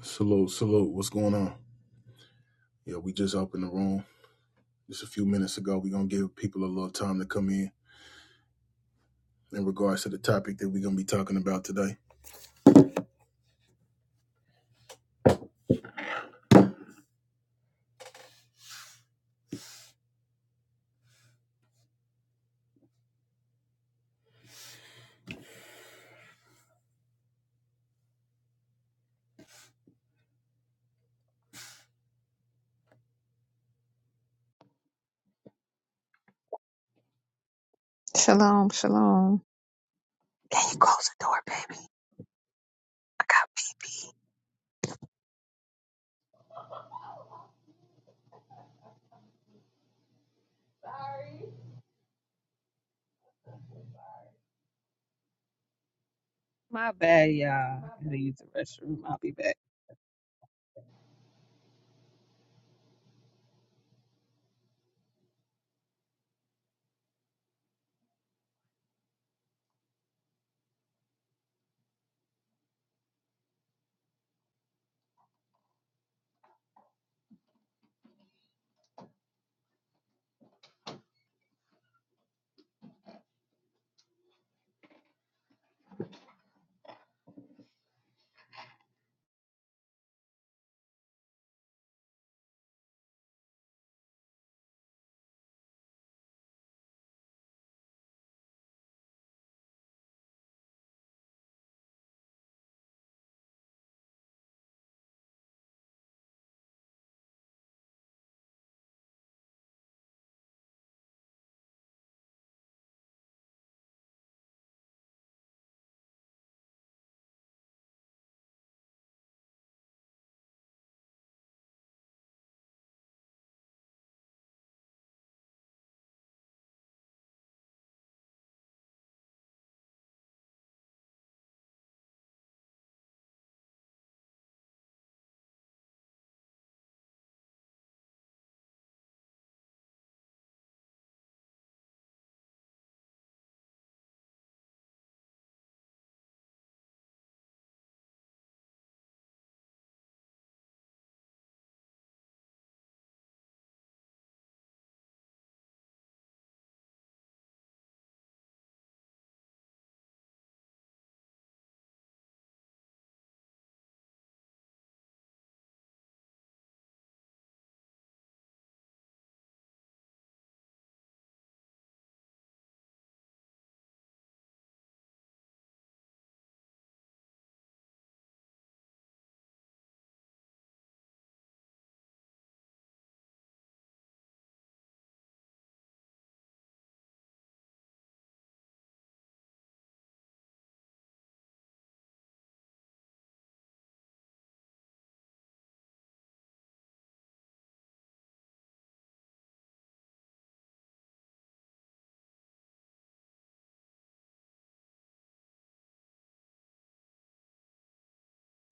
Salute, salute. What's going on? Yeah, we just opened the room just a few minutes ago. We're going to give people a little time to come in in regards to the topic that we're going to be talking about today. Shalom, shalom. Can you close the door, baby? I got.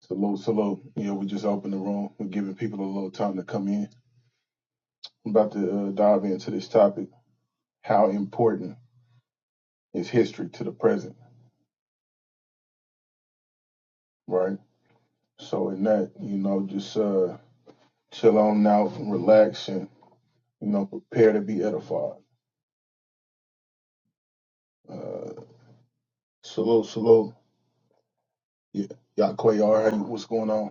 Salute, salute. Yeah, we just opened the room. We're giving people a little time to come in. I'm about to uh, dive into this topic. How important is history to the present, right? So, in that, you know, just uh, chill on out, relax, and, you know, prepare to be edified. Uh, salute, salute. Yeah, Yaquay, right, what's going on?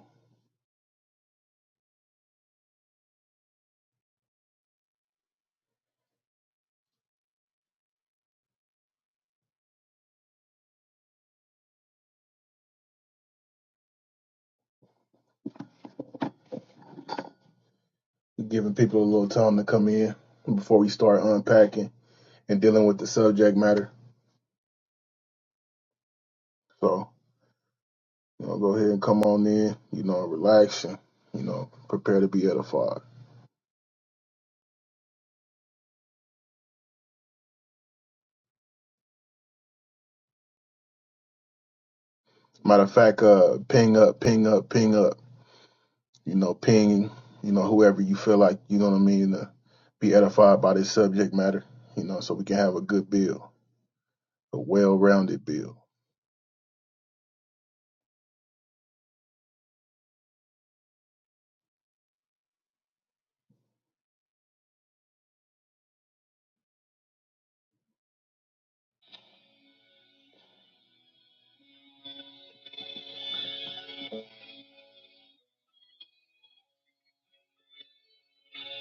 giving people a little time to come in before we start unpacking and dealing with the subject matter. So, you know, go ahead and come on in, you know, relax and, you know, prepare to be edified. Matter of fact, uh, ping up, ping up, ping up, you know, ping, you know, whoever you feel like, you know what I mean, to be edified by this subject matter, you know, so we can have a good bill, a well rounded bill.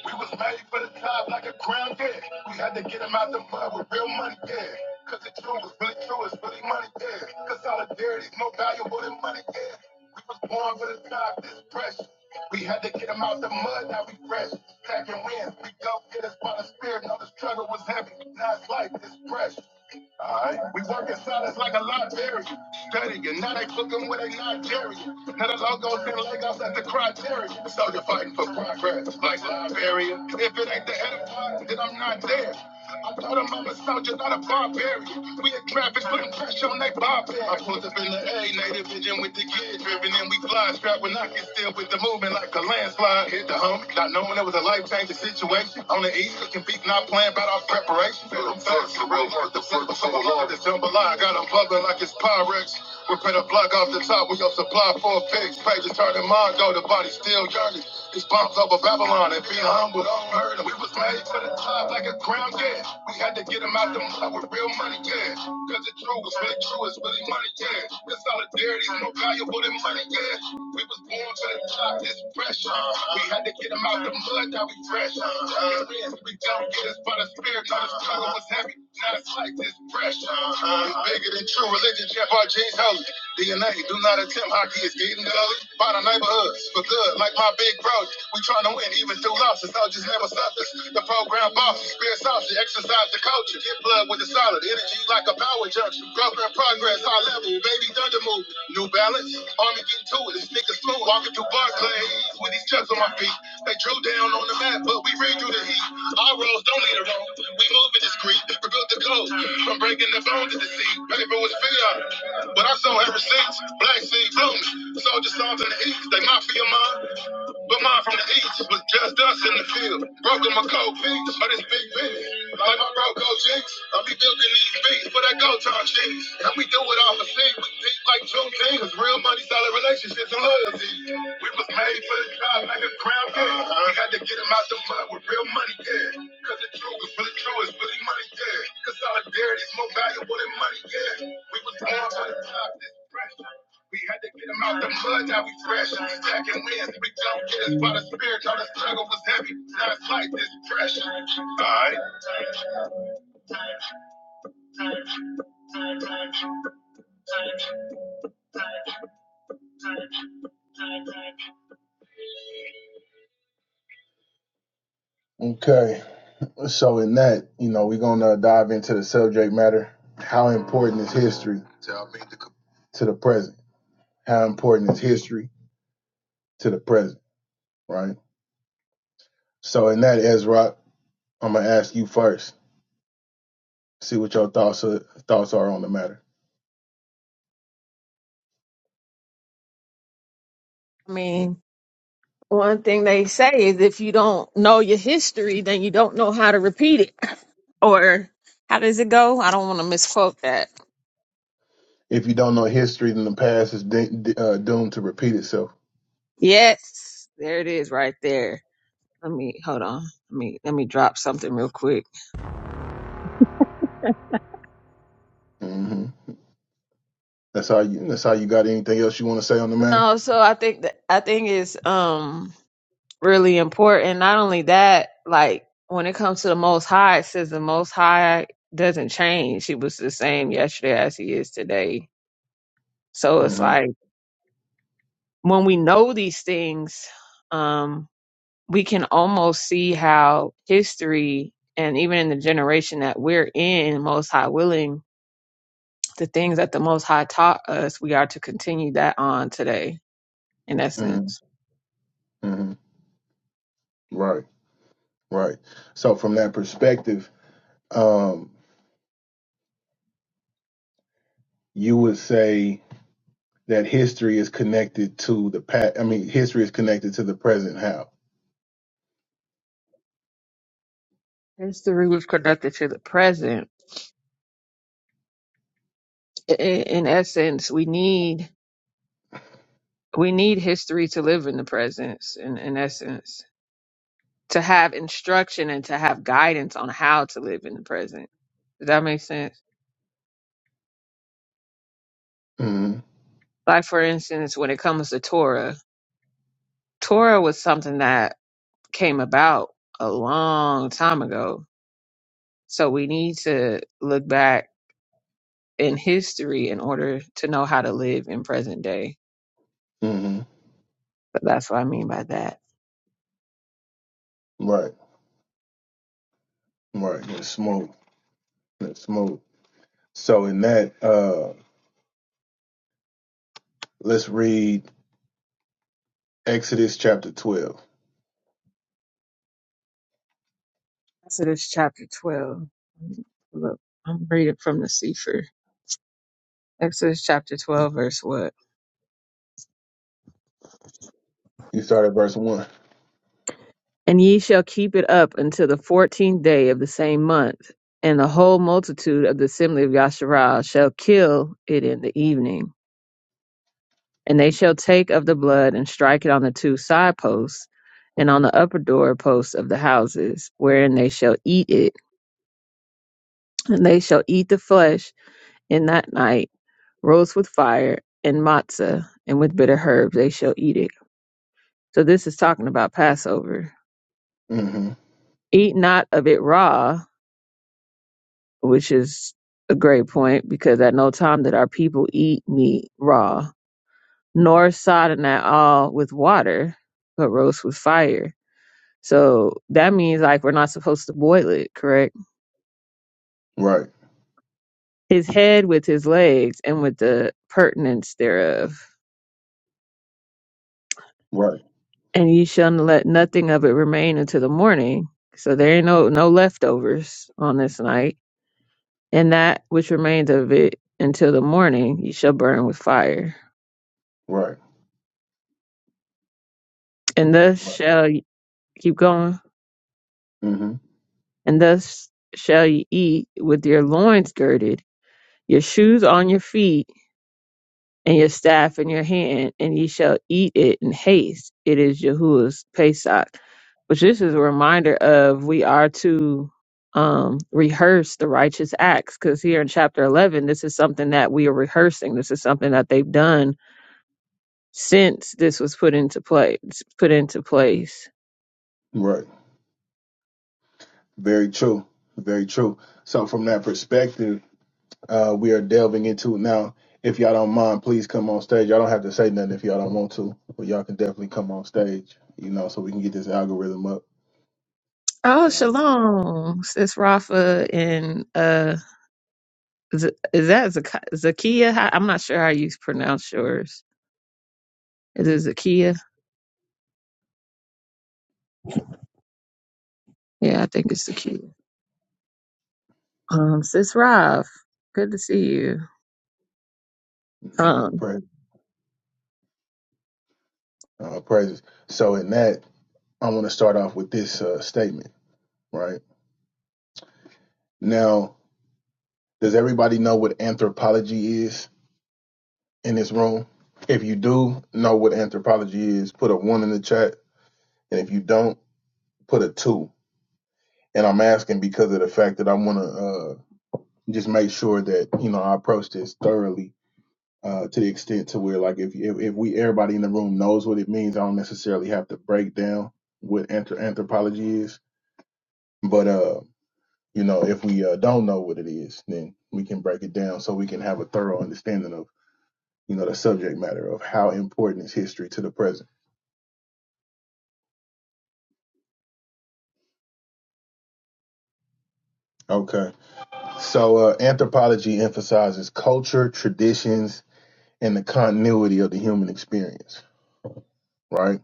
We was made for the top like a crown, yeah. We had to get him out the mud with real money, yeah. Cause the truth was really true, it's really money, yeah. Cause solidarity's more valuable than money, yeah. We was born for the top, this pressure. We had to get him out the mud, now we fresh. Packing wins, we go get us by the spirit, know the struggle was heavy. Now it's life, this pressure. All right. We work in silence like a librarian, studying. Now they book 'em with a Nigerian. Now the logos and Legos at the criteria. So you're fighting for progress, like Liberia. If it ain't the enterprise, then I'm not there. I told 'em I'm a soldier, not a barbarian. We in traffic, putting pressure on they barbarian. I pulled up in the A, native vision with the kid driven, and we fly strapped with knocking still with the movement like a landslide. Hit the homie, not knowing it was a life changing situation. On the east. East cooking beef, not playing about our preparation. Feel them thoughts, the real worth, the flip, so alive. This jambalaya got them bubbling like it's Pyrex. We put a block off the top, we your supply for a fix. Pages turning mind, though the body still yearning. These bombs over Babylon and being humble, don't hurt 'em. We was made to the top like a crown, yeah. We had to get them out the mud with real money, yeah. Cause it's true, it's really true, it's really money, yeah. This solidarity's more valuable than money, yeah. We was born to the top, this breath pressure. We had to get him out the mud, now we fresh. Uh, we don't get us, but the spirit of the struggle was heavy. Now it's like this pressure. It's bigger than true religion, Jeff R. G's holy. DNA, do not attempt hockey is getting gully. By the neighborhoods, for good, like my big bro. We trying to win even through losses. I Soldiers never suffers. The program bosses, spirit sausage, exercise the culture. Get blood with the solid energy like a power junction. Growth and progress, high level, baby thunder move. New Balance, Army getting to it. This nigga's slow, walking through Barclays with these chucks on my feet. They drew down on the map, but we ran through the heat. Our roads don't lead a road. We moving discreet, we built the code. From breaking the bones of the sea, Paper was fear. But I saw ever since, black seed blooming. Soldier songs in the east, they mafia mine. But mine from the east was just us in the field. Broke 'em my cold feet but it's big business. Like my bro, Coach Jinx, I be building these big for that go time shit. And we do it all for shit. We think like June King is real money, solid relationships, and loyalty. We was made for the job like a crown kid. We had to get him out the mud with real money, yeah. Cause the truth is really true, it's really money, yeah. Cause solidarity is more valuable than money, yeah. We was born for the job, this pressure. We had to get him out the mud, now we fresh. Stacking wins, we don't get us by the spirit. All the struggle was heavy, now it's like this pressure. All right. Okay. So in that, you know, we're gonna dive into the subject matter. How important is history to the present? How important is history to the present? Right. So in that, Ezra, I'm gonna ask you first. See what your thoughts are, thoughts are on the matter. I mean, one thing they say is if you don't know your history, then you don't know how to repeat it. Or how does it go? I don't want to misquote that. If you don't know history, then the past is de- de- uh, doomed to repeat itself. Yes, there it is, right there. Let me hold on. Let me let me drop something real quick. hmm That's how you. That's how you got anything else you want to say on the matter? No, so I think that I think it's um really important. Not only that, like when it comes to the Most High, it says the Most High doesn't change. He was the same yesterday as he is today So it's mm like when we know these things, um, we can almost see how history and even in the generation that we're in, most high willing, the things that the most high taught us, we are to continue that on today, in hmm essence. hmm hmm Right. Right. So from that perspective, um, you would say that history is connected to the past. I mean, history is connected to the present. How? History was conducted to the present. I- In essence, we need we need history to live in the present. In, in essence, to have instruction and to have guidance on how to live in the present. Does that make sense? hmm Like for instance, when it comes to Torah, Torah was something that came about a long time ago. So we need to look back in history in order to know how to live in present day. hmm So that's what I mean by that. Right. Right. That's smoke. That's smoke. So in that, uh, let's read Exodus chapter twelve. Exodus chapter 12. Look, I'm reading from the Sefer. Exodus chapter 12, verse what? You start at verse one. And ye shall keep it up until the fourteenth day of the same month, and the whole multitude of the assembly of Yasharah shall kill it in the evening. And they shall take of the blood and strike it on the two side posts and on the upper door posts of the houses, wherein they shall eat it. And they shall eat the flesh in that night, roast with fire and matzah, and with bitter herbs they shall eat it. So this is talking about Passover. hmm Eat not of it raw, which is a great point because at no time did our people eat meat raw, nor sodden at all with water, but roast with fire. So that means like we're not supposed to boil it, correct? Right. His head with his legs and with the pertinence thereof. Right. And ye shall let nothing of it remain until the morning. So there ain't no no leftovers on this night. And that which remains of it until the morning ye shall burn with fire. Right. And thus Right. shall ye keep going. hmm and thus shall ye eat with your loins girded, your shoes on your feet, and your staff in your hand, and ye shall eat it in haste. It is Yahuwah's Pesach, which this is a reminder of we are to um, rehearse the righteous acts, because here in chapter 11, this is something that we are rehearsing. This is something that they've done since this was put into place. Put into place. Right. Very true. Very true. So from that perspective. uh, we are delving into. Now, if y'all don't mind, please come on stage. Y'all don't have to say nothing if y'all don't want to, but y'all can definitely come on stage, you know, so we can get this algorithm up. Oh, Uh, shalom, sis Rafa and uh Z- is that Zak- Zakia? How- I'm not sure how you pronounce yours. Is it Zakia? Yeah, I think it's Zakia. Um, Sis Rav, good to see you. uh, Um, praise, uh, praises. So, in that, I want to start off with this uh, statement, right? Now, does everybody know what anthropology is in this room? If you do know what anthropology is, put a one in the chat. And if you don't, put a two. And I'm asking because of the fact that I want to. and just make sure that you know I approach this thoroughly uh, to the extent to where like if, if if we everybody in the room knows what it means, I don't necessarily have to break down what anthrop- anthropology is. But uh, you know, if we uh, don't know what it is, then we can break it down so we can have a thorough understanding of you know the subject matter of how important is history to the present. Okay, so uh, anthropology emphasizes culture, traditions, and the continuity of the human experience, right?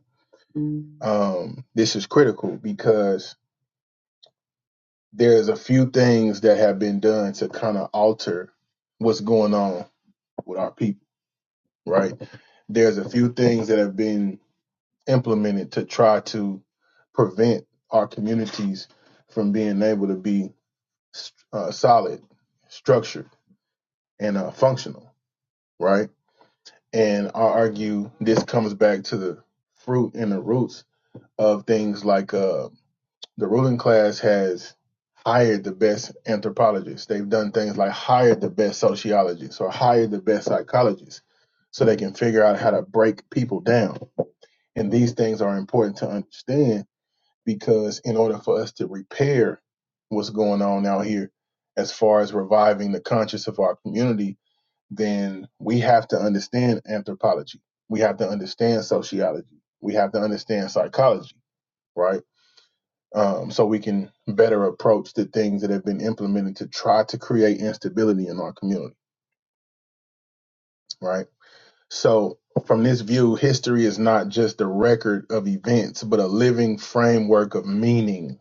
um, this is critical because there's a few things that have been done to kind of alter what's going on with our people, right? There's a few things that have been implemented to try to prevent our communities from being able to be uh, solid, structured, and uh, functional, right? And I argue this comes back to the fruit and the roots of things like uh, The ruling class has hired the best anthropologists. They've done things like hired the best sociologists or hired the best psychologists so they can figure out how to break people down. And these things are important to understand because in order for us to repair what's going on out here as far as reviving the conscience of our community, then we have to understand anthropology. We have to understand sociology. We have to understand psychology, right? um, so we can better approach the things that have been implemented to try to create instability in our community, right? So, from this view, history is not just a record of events, but a living framework of meaning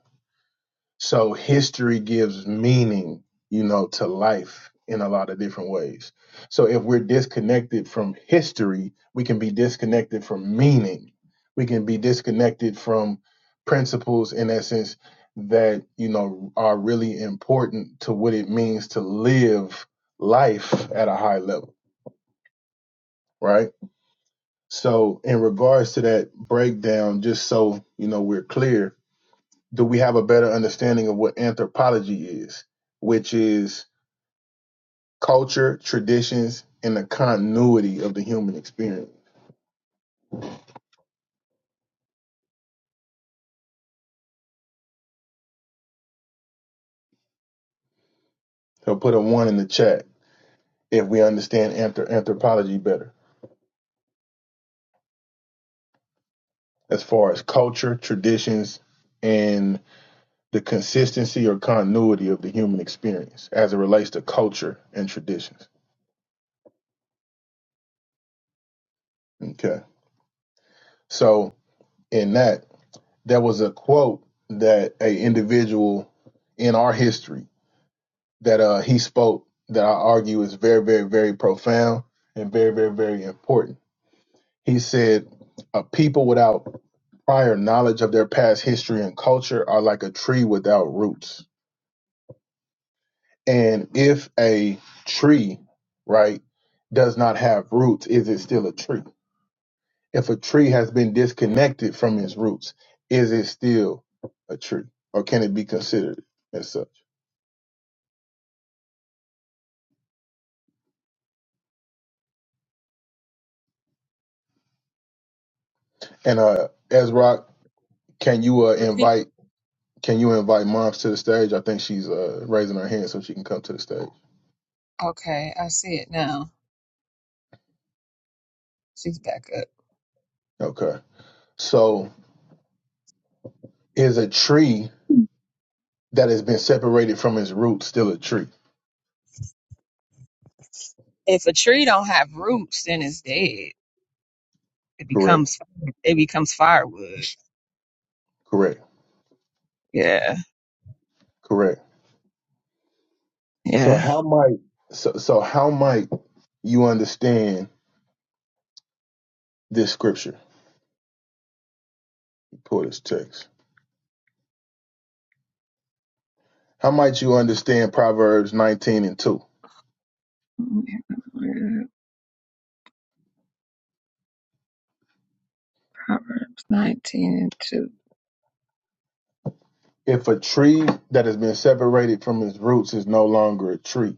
So history gives meaning, you know, to life in a lot of different ways. So if we're disconnected from history, we can be disconnected from meaning. We can be disconnected from principles in essence that, you know, are really important to what it means to live life at a high level, right? So in regards to that breakdown, just so, you know, we're clear, do we have a better understanding of what anthropology is, which is culture, traditions, and the continuity of the human experience? So put a one in the chat if we understand anthrop- anthropology better as far as culture, traditions, and the consistency or continuity of the human experience as it relates to culture and traditions. Okay. So in that, there was a quote that a individual in our history that uh, he spoke that I argue is very, very, very profound and very, very, very important. He said, A people without prior knowledge of their past history and culture are like a tree without roots. And if a tree, right, does not have roots, is it still a tree? If a tree has been disconnected from its roots, is it still a tree or can it be considered as such? And uh, Ezra, repeat, can you uh, repeat. invite? Can you invite moms to the stage? I think she's uh, raising her hand so she can come to the stage. Okay, I see it now. She's back up. Okay. So is a tree that has been separated from its roots still a tree? If a tree don't have roots, then it's dead. It Correct. becomes it becomes firewood. Correct. Yeah, Correct. So yeah. how might so so how might you understand this scripture? Pull this text. How might you understand Proverbs 19 and 2? Proverbs 19 and 2. If a tree that has been separated from its roots is no longer a tree,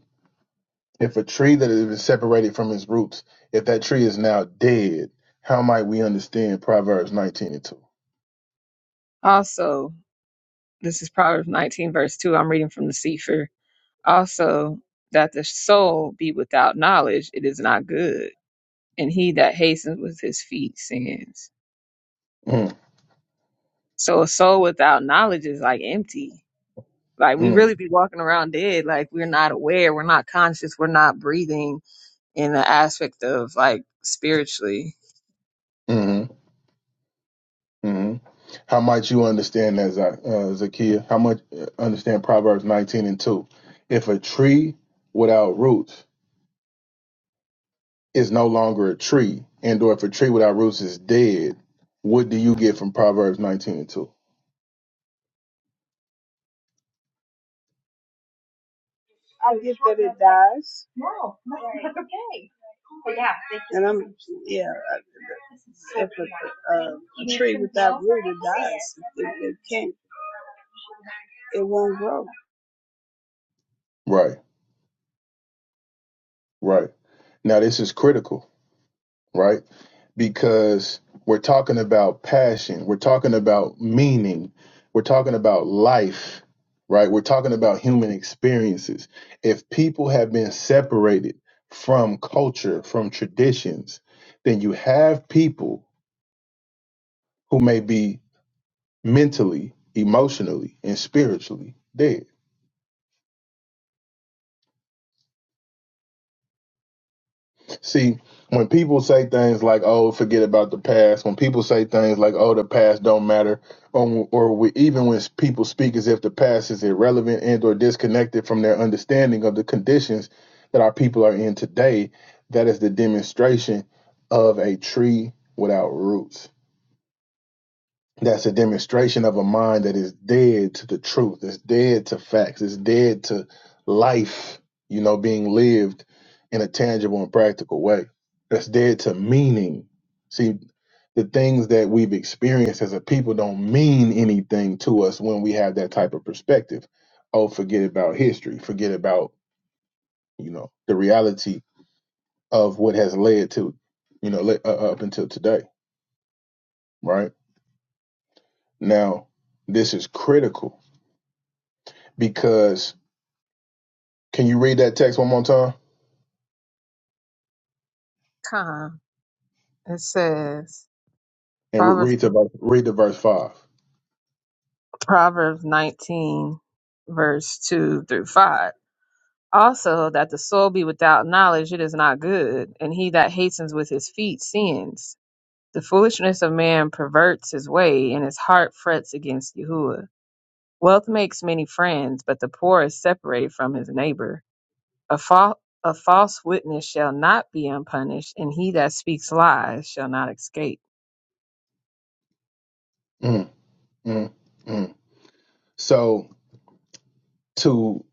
If a tree that is separated from its roots, if that tree is now dead, how might we understand Proverbs 19 and 2? Also, this is Proverbs 19 verse 2. I'm reading from the Sefer. Also, that the soul be without knowledge, it is not good. And he that hastens with his feet sins. Mm, So a soul without knowledge is like empty. Like we mm, really be walking around dead. Like we're not aware. We're not conscious. We're not breathing in the aspect of like spiritually. mm mm How might you understand that, Za- uh, Zakiya? How much uh, understand Proverbs 19 and 2? If a tree without roots is no longer a tree, and or if a tree without roots is dead, what do you get from Proverbs 19 and 2? I get that it dies. No, that's okay. But yeah, they just And I'm, yeah, I- if a, a, a tree without root, it dies. It, it can't, it won't grow. Right, right. Now, this is critical right? Because we're talking about passion, we're talking about meaning, we're talking about life, right? We're talking about human experiences. If people have been separated from culture, from traditions, then you have people who may be mentally, emotionally, and spiritually dead See, when people say things like, "Oh, forget about the past," when people say things like, "Oh, the past don't matter," or, or we, even when people speak as if the past is irrelevant and/or disconnected from their understanding of the conditions that our people are in today, that is the demonstration of a tree without roots. That's a demonstration of a mind that is dead to the truth. It's dead to facts. It's dead to life, you know, being lived in a tangible and practical way. That's dead to meaning. See, the things that we've experienced as a people don't mean anything to us when we have that type of perspective. Oh, forget about history. Forget about, you know, the reality of what has led to, you know, le- uh, up until today, right? Now, this is critical because Can you read that text one more time Come, It says and re- Proverbs read the verse, read the verse five? Proverbs nineteen verse two through five. Also, that the soul be without knowledge, it is not good, and he that hastens with his feet sins. The foolishness of man perverts his way, and his heart frets against Yahuwah. Wealth makes many friends, but the poor is separated from his neighbor. A, fal- a false witness shall not be unpunished, and he that speaks lies shall not escape. Mm, mm, mm. So to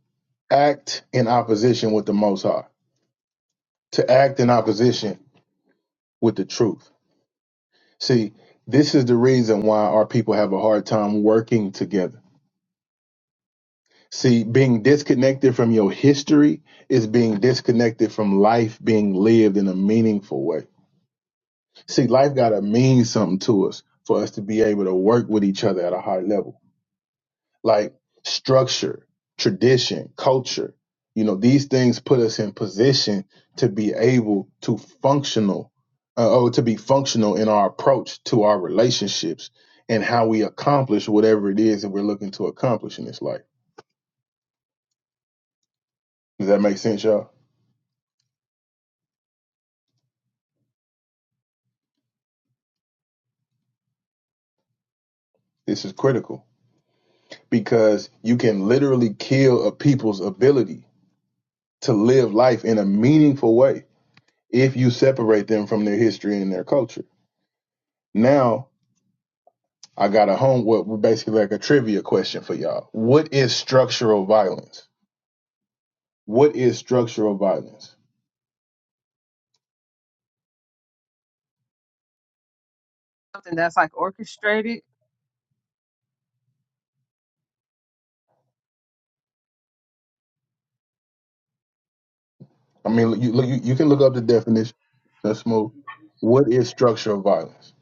act in opposition with the Most High, to act in opposition with the truth. See, this is the reason why our people have a hard time working together. See, being disconnected from your history is being disconnected from life being lived in a meaningful way. See, life got to mean something to us for us to be able to work with each other at a high level like structure, tradition, culture. You know, these things put us in position to be able to functional uh, or to be functional in our approach to our relationships and how we accomplish whatever it is that we're looking to accomplish in this life. Does that make sense, y'all? This is critical because you can literally kill a people's ability to live life in a meaningful way if you separate them from their history and their culture. Now, I got a homework with basically like a trivia question for y'all. What is structural violence? What is structural violence? Something that's like orchestrated I mean, you you, you can look up the definition. Let's move. What is structural violence?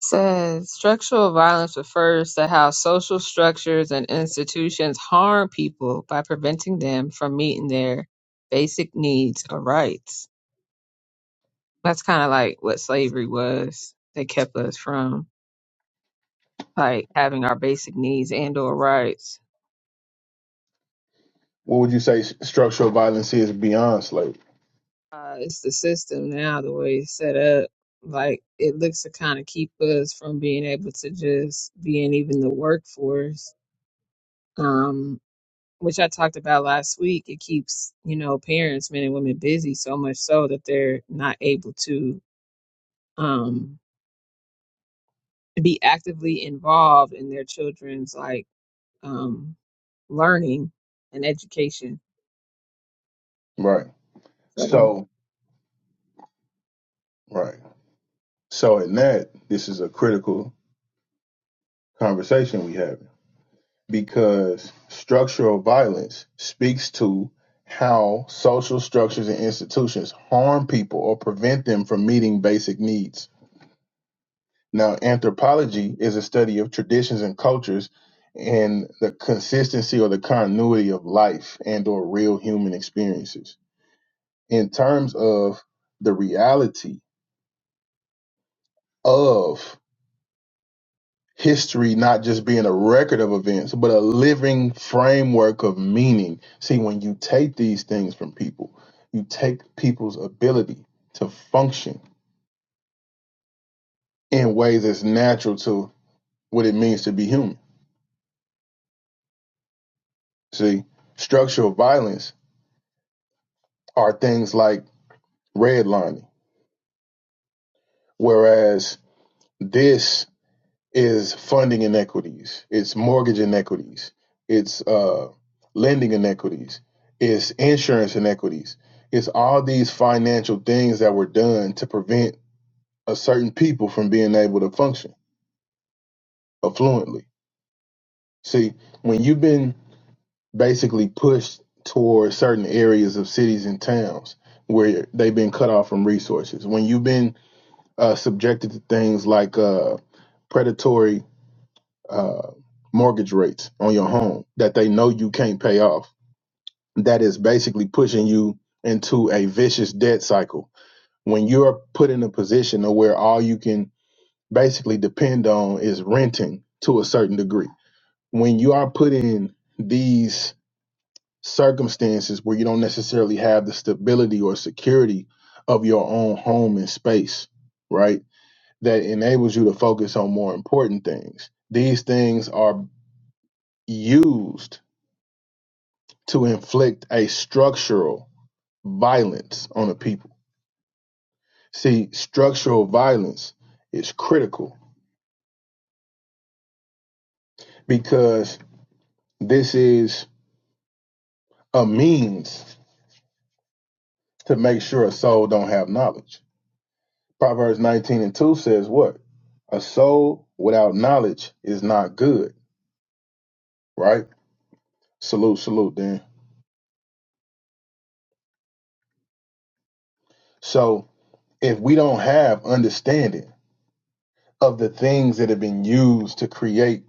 says structural violence refers to how social structures and institutions harm people by preventing them from meeting their basic needs or rights. That's kind of like what slavery was. They kept us from like having our basic needs and or rights. What would you say s- structural violence is beyond slavery? Uh, it's the system now, the way it's set up. Like it looks to kind of keep us from being able to just be in even the workforce. Um, which I talked about last week, it keeps, you know, parents, men and women busy so much so that they're not able to um be actively involved in their children's like um learning and education. Right. So So, right. So in that, this is a critical conversation we have. because structural violence speaks to how social structures and institutions harm people or prevent them from meeting basic needs. Now, anthropology is a study of traditions and cultures and the consistency or the continuity of life and or real human experiences. In terms of the reality of history not just being a record of events, but a living framework of meaning. See, when you take these things from people, you take people's ability to function in ways that's natural to what it means to be human. See, structural violence are things like redlining, whereas this is funding inequities, it's mortgage inequities, it's uh, lending inequities, it's insurance inequities, it's all these financial things that were done to prevent a certain people from being able to function affluently. See, when you've been basically pushed towards certain areas of cities and towns where they've been cut off from resources, when you've been uh, subjected to things like uh, predatory uh, mortgage rates on your home that they know you can't pay off. That is basically pushing you into a vicious debt cycle. When you're put in a position of where all you can basically depend on is renting to a certain degree. When you are put in these circumstances where you don't necessarily have the stability or security of your own home and space, right? That enables you to focus on more important things. These things are used to inflict a structural violence on the people. See, structural violence is critical because this is a means to make sure a soul don't have knowledge. Proverbs 19 and 2 says what? A soul without knowledge is not good, right? Salute, salute, then. So if we don't have understanding of the things that have been used to create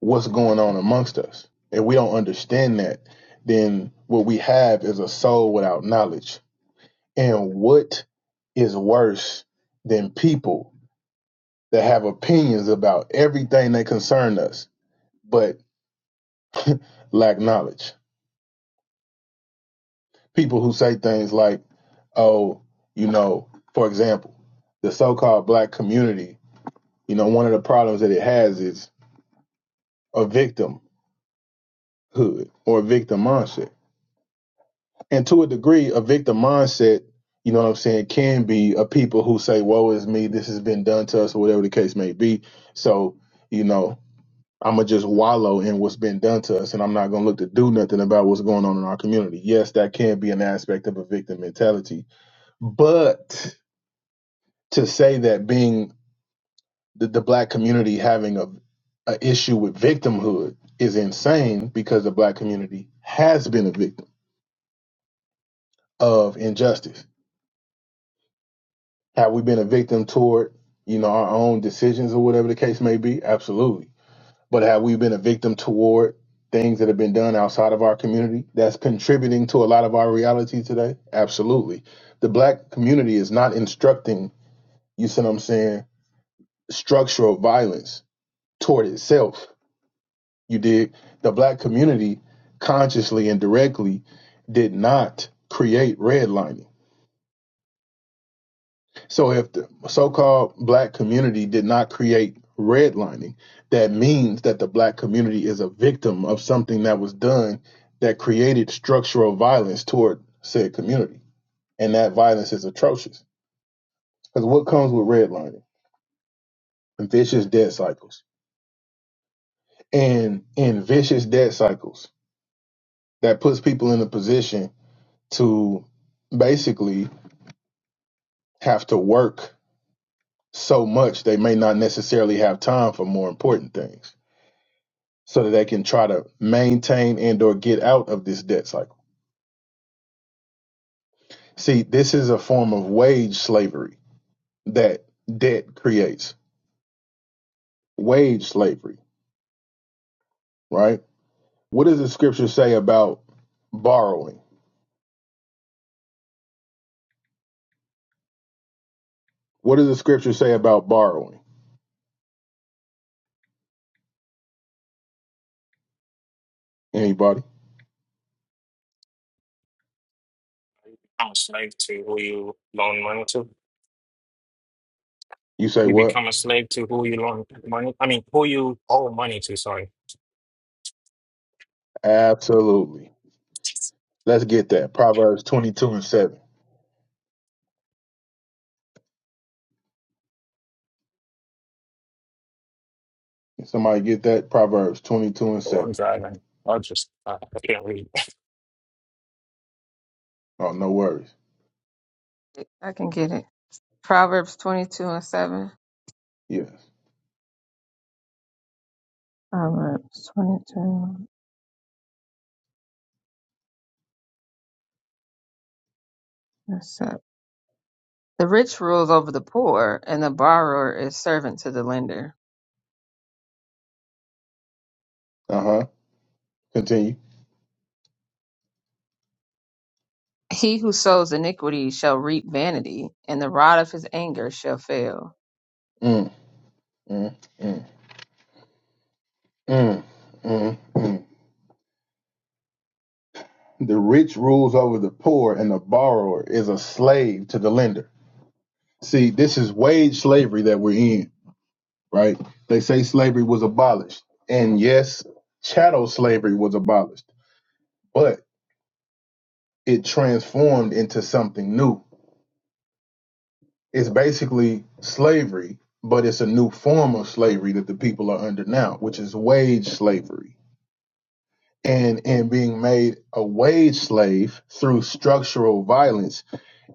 what's going on amongst us. If we don't understand that, then what we have is a soul without knowledge. And what is worse than people that have opinions about everything that concern us, but lack knowledge? People who say things like, oh, you know, for example, the so called black community, you know, one of the problems that it has is a victimhood or a victim mindset and to a degree, a victim mindset, you know what I'm saying, can be a people who say, Woe is me, this has been done to us, or whatever the case may be. So, you know, I'ma just wallow in what's been done to us and I'm not gonna look to do nothing about what's going on in our community. Yes, that can be an aspect of a victim mentality. But to say that being the, the black community having a, a issue with victimhood is insane because the black community has been a victim of injustice Have we been a victim toward, you know, our own decisions or whatever the case may be? Absolutely. But have we been a victim toward things that have been done outside of our community that's contributing to a lot of our reality today? Absolutely. The black community is not instructing, you see what I'm saying, structural violence toward itself. You dig? The black community consciously and directly did not create redlining So if the so-called black community did not create redlining, that means that the black community is a victim of something that was done that created structural violence toward said community. And that violence is atrocious. Because what comes with redlining? Vicious debt cycles. And in vicious debt cycles, that puts people in a position to basically have to work so much they may not necessarily have time for more important things so that they can try to maintain and or get out of this debt cycle. See, this is a form of wage slavery that debt creates. Wage slavery, right? What does the scripture say about borrowing? What does the scripture say about borrowing? Anybody? become a slave to who you loan money to. You say You what? become a slave to who you loan money. I mean, who you owe money to. Sorry, Absolutely. Let's get that. Proverbs 22 and 7. Can somebody get that? Proverbs 22 and oh, I'm 7. driving. I just uh, I can't read. Oh, no worries. I can get it. Proverbs 22 and 7. Yes. Proverbs 22 and 7. The rich rules over the poor, and the borrower is servant to the lender. Uh huh. Continue. He who sows iniquity shall reap vanity, and the rod of his anger shall fail. Mm, mm, mm, mm, mm, mm. The rich rules over the poor, and the borrower is a slave to the lender. See, this is wage slavery that we're in, right? They say slavery was abolished. And yes, chattel slavery was abolished, but it transformed into something new. It's basically slavery, but it's a new form of slavery that the people are under now, which is wage slavery. And in being made a wage slave through structural violence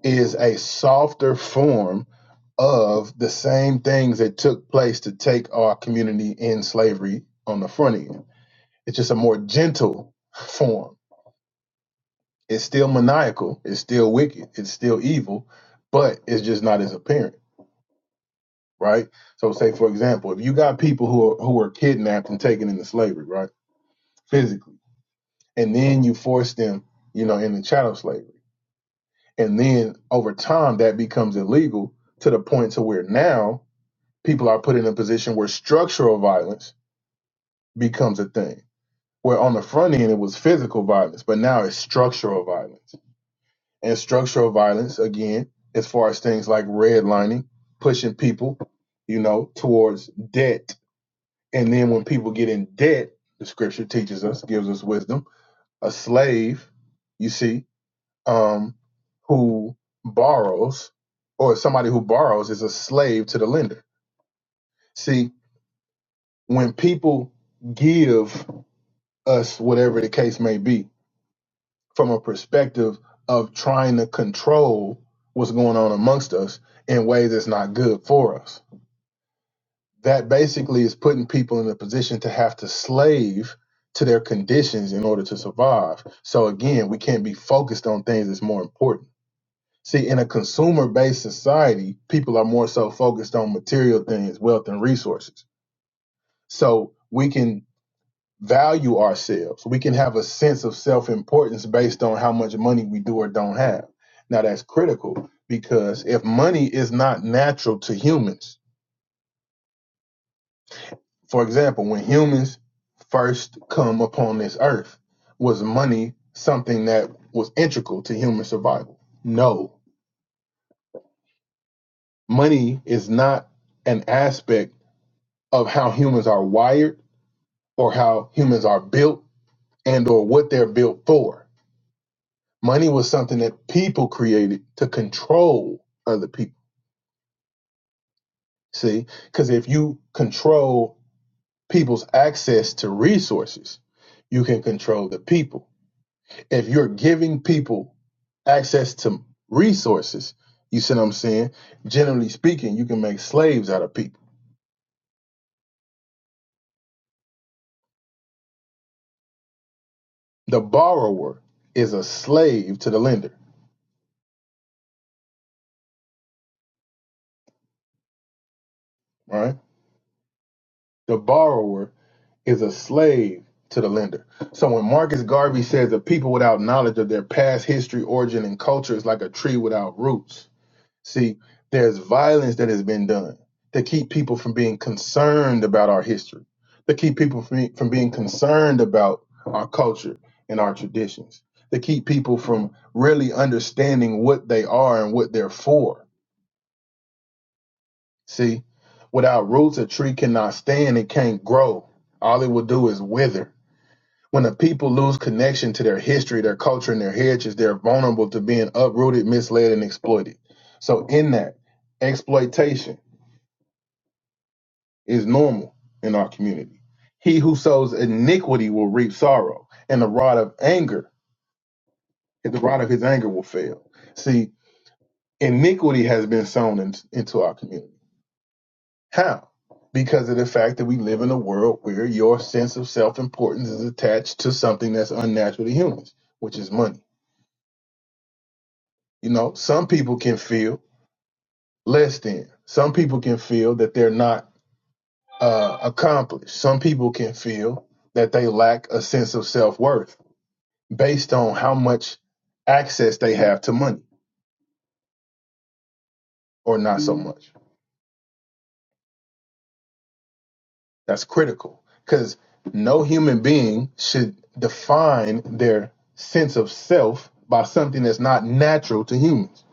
is a softer form of the same things that took place to take our community in slavery on the front end. It's just a more gentle form. It's still maniacal, it's still wicked, it's still evil, but it's just not as apparent, right? So say for example, if you got people who are who are kidnapped and taken into slavery, right? Physically, and then you force them, you know, into chattel slavery. And then over time that becomes illegal to the point to where now people are put in a position where structural violence becomes a thing. Where on the front end it was physical violence, but now it's structural violence. And structural violence, again, as far as things like redlining, pushing people, you know, towards debt. And then when people get in debt, the scripture teaches us, gives us wisdom. A slave, you see, um, who borrows, or somebody who borrows is a slave to the lender. See, when people give us whatever the case may be, from a perspective of trying to control what's going on amongst us in ways that's not good for us. That basically is putting people in a position to have to slave to their conditions in order to survive. So again, we can't be focused on things that's more important. See, in a consumer based society, people are more so focused on material things, wealth, and resources. So we can value ourselves. We can have a sense of self importance based on how much money we do or don't have. Now, that's critical because if money is not natural to humans, for example, when humans first come upon this earth, was money something that was integral to human survival? No. Money is not an aspect of how humans are wired or how humans are built and or what they're built for Money was something that people created to control other people. See, because if you control people's access to resources, you can control the people. If you're giving people access to resources, you see what I'm saying? Generally speaking, you can make slaves out of people. The borrower is a slave to the lender, right? The borrower is a slave to the lender. So when Marcus Garvey says the people without knowledge of their past history, origin, and culture is like a tree without roots. See, there's violence that has been done to keep people from being concerned about our history, to keep people from, from being concerned about our culture and our traditions, to keep people from really understanding what they are and what they're for. See, without roots, a tree cannot stand, it can't grow. All it will do is wither when the people lose connection to their history, their culture, and their heritage, they're vulnerable to being uprooted, misled, and exploited. So, in that, exploitation is normal in our community. He who sows iniquity will reap sorrow, and the rod of anger, the rod of his anger will fail. See, iniquity has been sown in- into our community. How? Because of the fact that we live in a world where your sense of self importance is attached to something that's unnatural to humans, which is money You know, some people can feel less than. Some people can feel that they're not uh, accomplished. Some people can feel that they lack a sense of self worth based on how much access they have to money or not so much. That's critical because no human being should define their sense of self by something that's not natural to humans.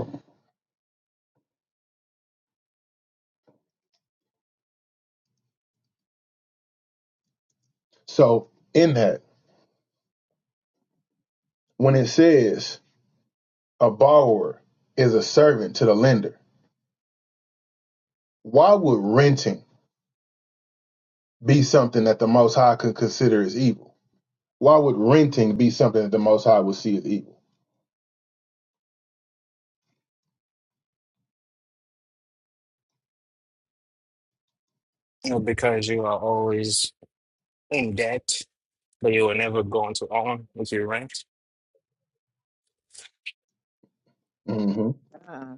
So, in that, when it says a borrower is a servant to the lender, Why would renting be something that the Most High could consider as evil? Why would renting be something that the Most High would see as evil? You know, because you are always in debt, but you will never go into own with your rent. Mm-hmm. Uh,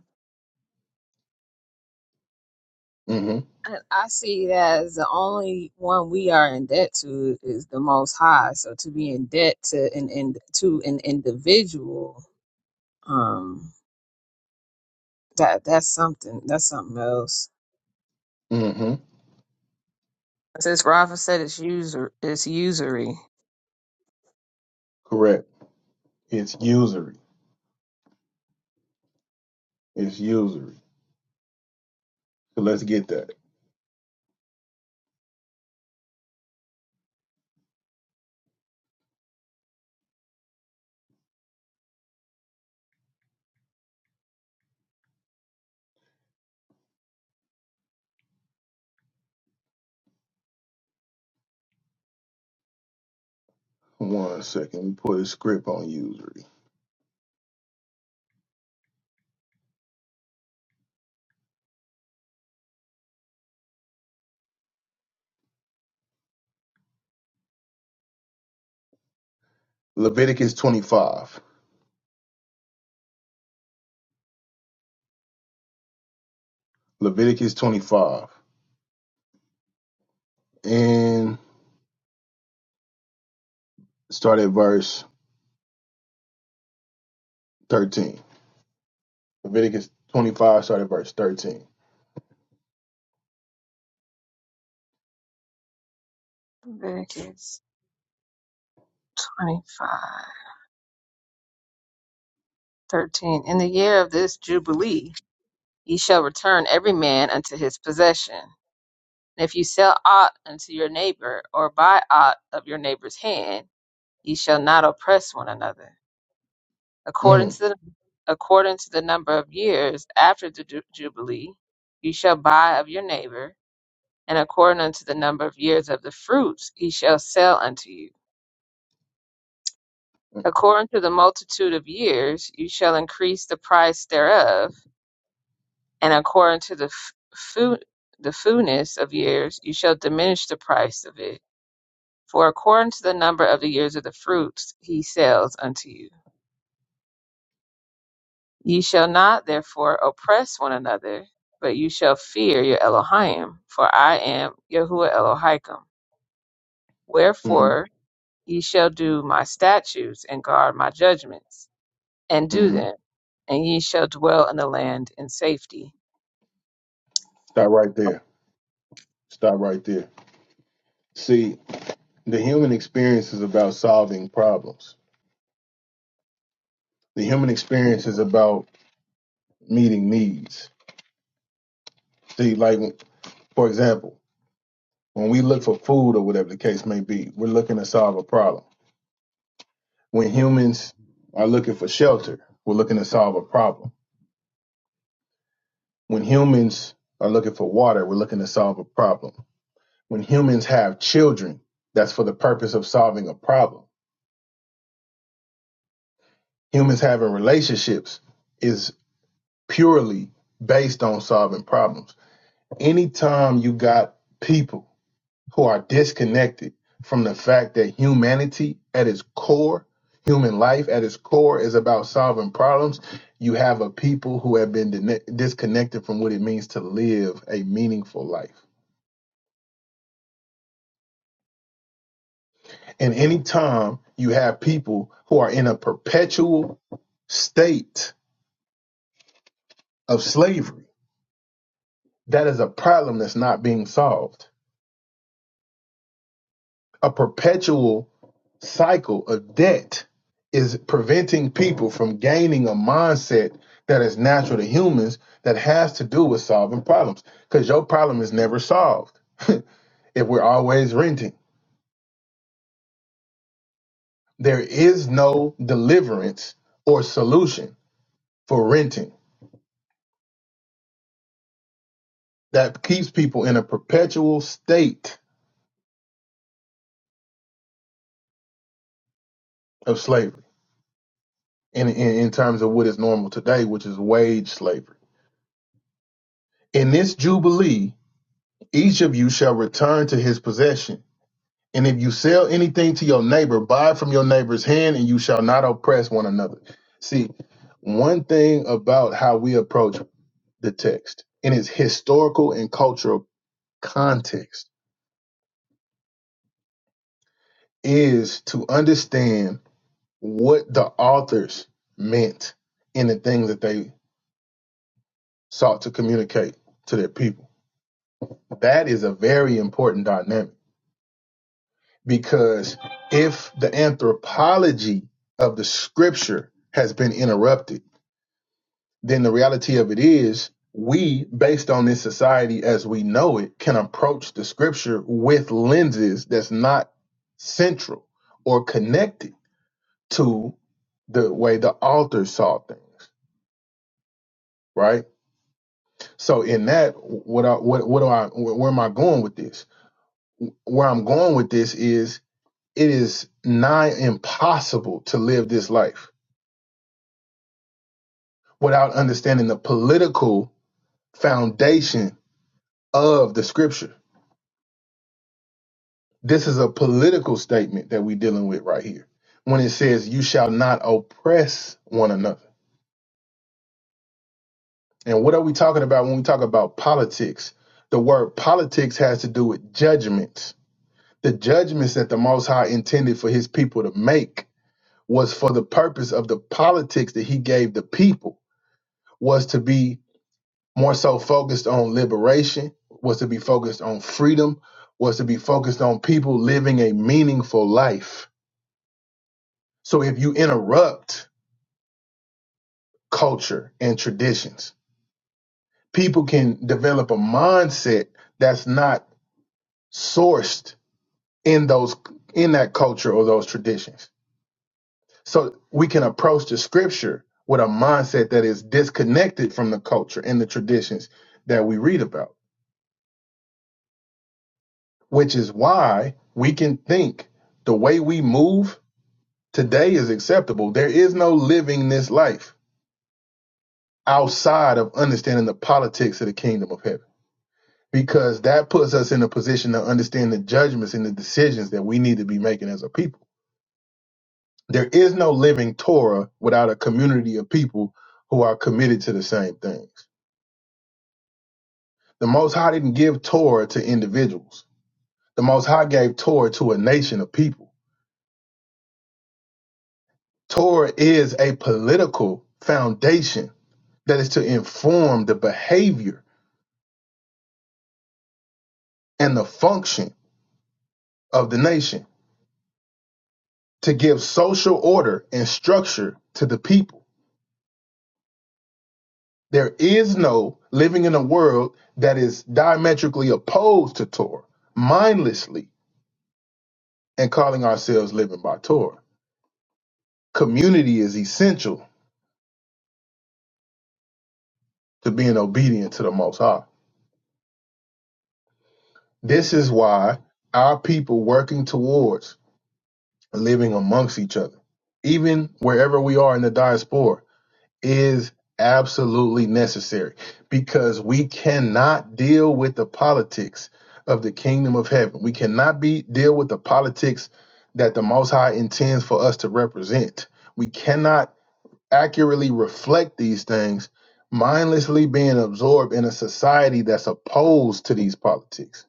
Mm-hmm. and I see it as the only one we are in debt to is the Most High. So to be in debt to an in, to an individual, um, that that's something. That's something else. hmm Since Rafa said it's user it's usury. Correct. It's usury. It's usury. So let's get that. One second. Let me put a script on usury. Leviticus 25. Leviticus 25. And start at verse 13. Leviticus 25, start at verse 13. Leviticus 25:13. In the year of this jubilee, ye shall return every man unto his possession. And if you sell aught unto your neighbor, or buy aught of your neighbor's hand Ye shall not oppress one another. According Mm. to the according to the number of years after the ju- jubilee, ye shall buy of your neighbor, and according unto the number of years of the fruits he shall sell unto you. According to the multitude of years you shall increase the price thereof, and according to the f- fu- the fullness of years you shall diminish the price of it. For according to the number of the years of the fruits he sells unto you. Ye shall not therefore oppress one another, but you shall fear your Elohim, for I am Yahuwah Elohim. Mm-hmm. Wherefore ye shall do my statutes and guard my judgments, and do mm-hmm. them, and ye shall dwell in the land in safety. Stop right there. Stop right there. See, the human experience is about solving problems. The human experience is about meeting needs. See, like, for example, when we look for food or whatever the case may be, we're looking to solve a problem. When humans are looking for shelter, we're looking to solve a problem. When humans are looking for water, we're looking to solve a problem. When humans have children, that's for the purpose of solving a problem. Humans having relationships, is. purely based on solving problems. Anytime you got people who are disconnected from the fact that humanity at its core, human life at its core is about solving problems, you have a people who have been dine- disconnected from what it means to live a meaningful life. And any time you have people who are in a perpetual state of slavery, that is a problem that's not being solved. a perpetual cycle of debt is preventing people from gaining a mindset that is natural to humans that has to do with solving problems because your problem is never solved if we're always renting there is no deliverance or solution for renting that keeps people in a perpetual state of slavery in, in, in terms of what is normal today which is wage slavery in this jubilee Each of you shall return to his possession. And if you sell anything to your neighbor, buy from your neighbor's hand, and you shall not oppress one another. See, one thing about how we approach the text in its historical and cultural context is to understand what the authors meant in the things that they sought to communicate to their people. That is a very important dynamic Because if the anthropology of the scripture has been interrupted, then the reality of it is we, based on this society as we know it, can approach the scripture with lenses that's not central or connected to the way the author saw things, right? So in that, what I, what what do I where am I going with this? Where I'm going with this is it is nigh impossible to live this life without understanding the political foundation of the scripture. This is a political statement that we're dealing with right here when it says, You shall not oppress one another. And what are we talking about when we talk about politics? The word politics has to do with judgments. The judgments that the Most High intended for his people to make was for the purpose of the politics that he gave the people, was to be more so focused on liberation, was to be focused on freedom, was to be focused on people living a meaningful life. So if you interrupt culture and traditions, people can develop a mindset that's not sourced in those in that culture or those traditions. So we can approach the scripture with a mindset that is disconnected from the culture and the traditions that we read about. which is why we can think the way we move today is acceptable. There is no living this life outside of understanding the politics of the kingdom of heaven, because that puts us in a position to understand the judgments and the decisions that we need to be making as a people. There is no living Torah without a community of people who are committed to the same things. The Most High didn't give Torah to individuals. The Most High gave Torah to a nation of people Torah is a political foundation that is to inform the behavior and the function of the nation, to give social order and structure to the people. There is no living in a world that is diametrically opposed to Torah, mindlessly, and calling ourselves living by Torah. Community is essential to being obedient to the Most High. This is why our people working towards living amongst each other, even wherever we are in the diaspora, is absolutely necessary because we cannot deal with the politics of the kingdom of heaven. We cannot be deal with the politics that the Most High intends for us to represent. We cannot accurately reflect these things mindlessly being absorbed in a society that's opposed to these politics.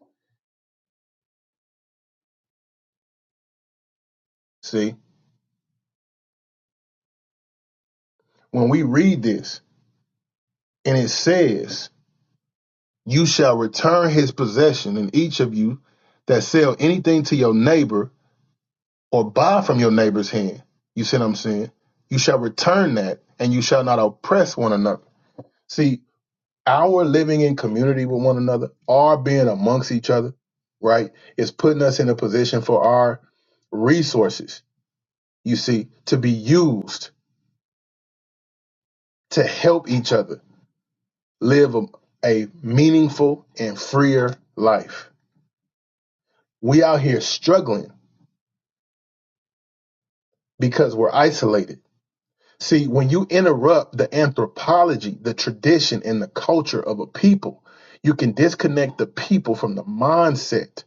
See, when we read this and it says You shall return his possession, and each of you that sell anything to your neighbor or buy from your neighbor's hand. You see what I'm saying? You shall return that, and you shall not oppress one another. See, our living in community with one another, our being amongst each other, right, is putting us in a position for our resources, you see, to be used to help each other live a, a meaningful and freer life. We out here struggling because we're isolated. See, when you interrupt the anthropology, the tradition, and the culture of a people, you can disconnect the people from the mindset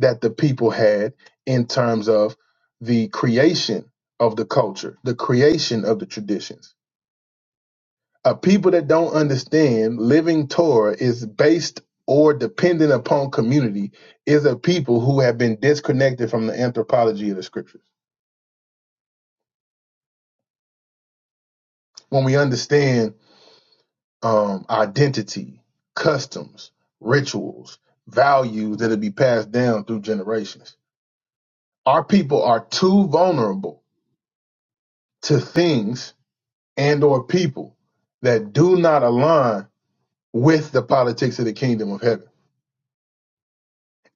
that the people had in terms of the creation of the culture, the creation of the traditions. A people that don't understand living Torah is based or dependent upon community is a people who have been disconnected from the anthropology of the scriptures. When we understand um, identity, customs, rituals, values that'll be passed down through generations. Our people are too vulnerable to things and or people that do not align with the politics of the kingdom of heaven.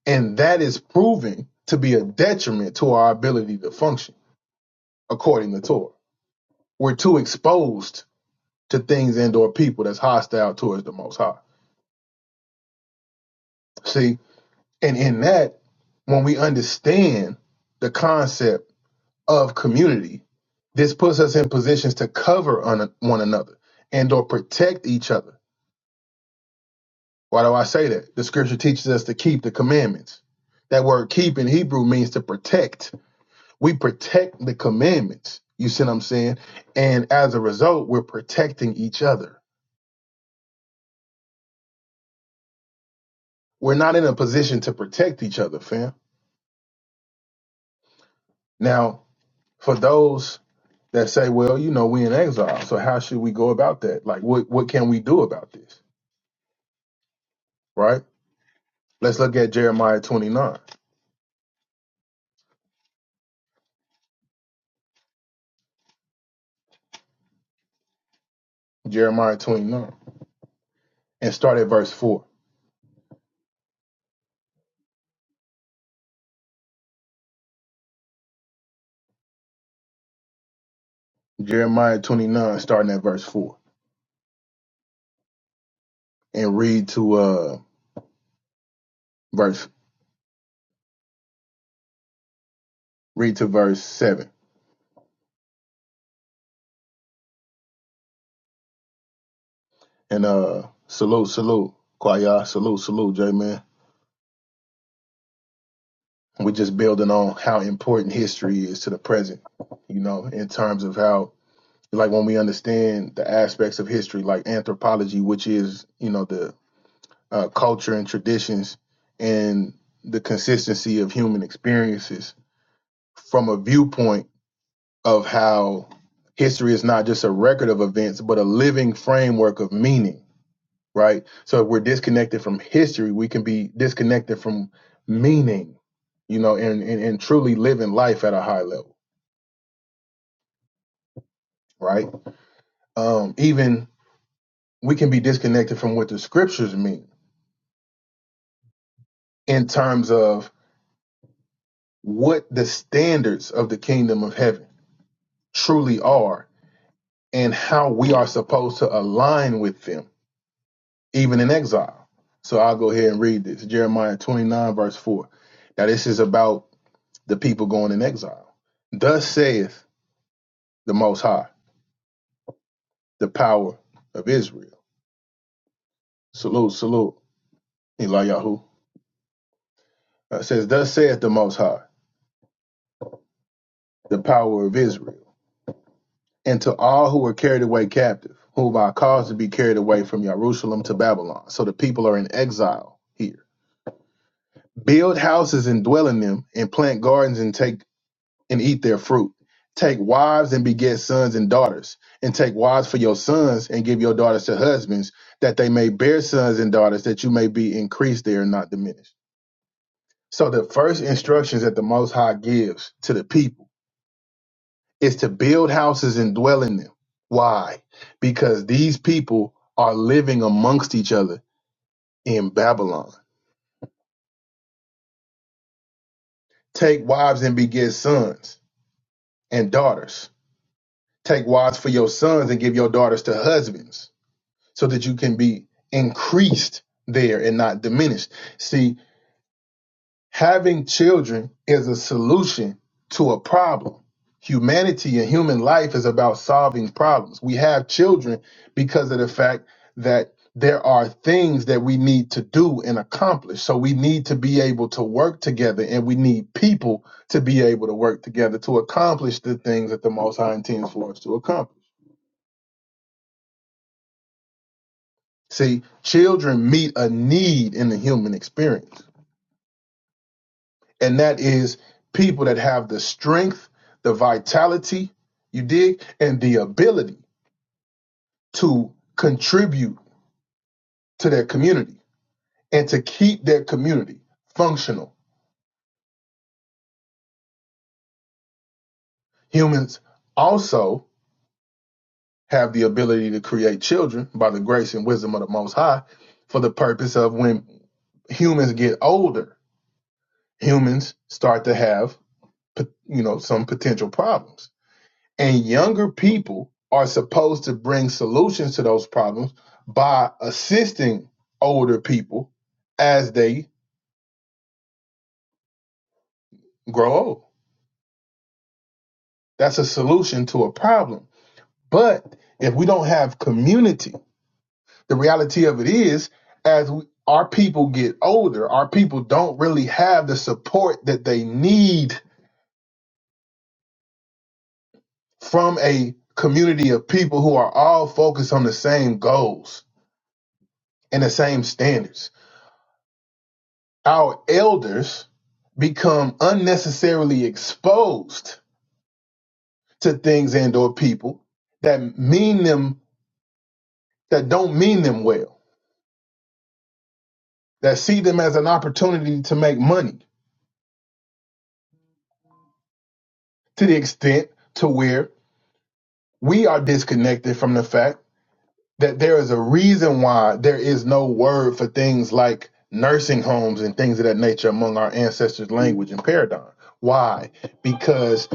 And that is proving to be a detriment to our ability to function according to Torah. We're too exposed to things and or people that's hostile towards the most high. See, And in that, when we understand the concept of community, this puts us in positions to cover on one another and or protect each other. Why do I say that? The scripture teaches us to keep the commandments. That word keep in Hebrew means to protect. We protect the commandments. You see what I'm saying? And as a result, we're protecting each other. We're not in a position to protect each other, fam. Now, for those that say, well, you know, we in exile, so how should we go about that? Like, what what can we do about this? Right? Let's look at Jeremiah 29. Jeremiah 29 and start at verse 4. Jeremiah 29 starting at verse 4 and read to uh verse read to verse 7. And uh salute salute Kwaya, salute salute J man. We're just building on how important history is to the present, you know, in terms of how like when we understand the aspects of history like anthropology which is you know the uh, culture and traditions and the consistency of human experiences from a viewpoint of how history is not just a record of events but a living framework of meaning right so if we're disconnected from history we can be disconnected from meaning you know and and, and truly living life at a high level right um even we can be disconnected from what the scriptures mean in terms of what the standards of the kingdom of heaven truly are and how we are supposed to align with them, even in exile. So I'll go ahead and read this Jeremiah 29, verse 4. Now, this is about the people going in exile. Thus saith the Most High, the power of Israel. Salute, salute, Eliyahu. Uh, It says, Thus saith the Most High, the power of Israel. and to all who were carried away captive, whom I caused to be carried away from Jerusalem to Babylon. So the people are in exile here. Build houses and dwell in them, and plant gardens and take and eat their fruit. Take wives and beget sons and daughters, and take wives for your sons, and give your daughters to husbands, that they may bear sons and daughters, that you may be increased there and not diminished. So the first instructions that the Most High gives to the people is to build houses and dwell in them. Why? Because these people are living amongst each other in Babylon. Take wives and beget sons and daughters. Take wives for your sons and give your daughters to husbands so that you can be increased there and not diminished. See, Having children is a solution to a problem. Humanity and human life is about solving problems. We have children because of the fact that there are things that we need to do and accomplish. So we need to be able to work together and we need people to be able to work together to accomplish the things that the Most High intends for us to accomplish. See, children meet a need in the human experience. and that is people that have the strength, the vitality, you dig, and the ability to contribute to their community and to keep their community functional. Humans also have the ability to create children by the grace and wisdom of the Most High for the purpose of when humans get older, humans start to have, you know, some potential problems And younger people are supposed to bring solutions to those problems by assisting older people as they grow old. That's a solution to a problem. But if we don't have community, the reality of it is, as we, our people get older, our people don't really have the support that they need from a community of people who are all focused on the same goals and the same standards our elders become unnecessarily exposed to things and or people that mean them that don't mean them well that see them as an opportunity to make money to the extent to where we are disconnected from the fact that there is a reason why there is no word for things like nursing homes and things of that nature among our ancestors' language and paradigm. Why? Because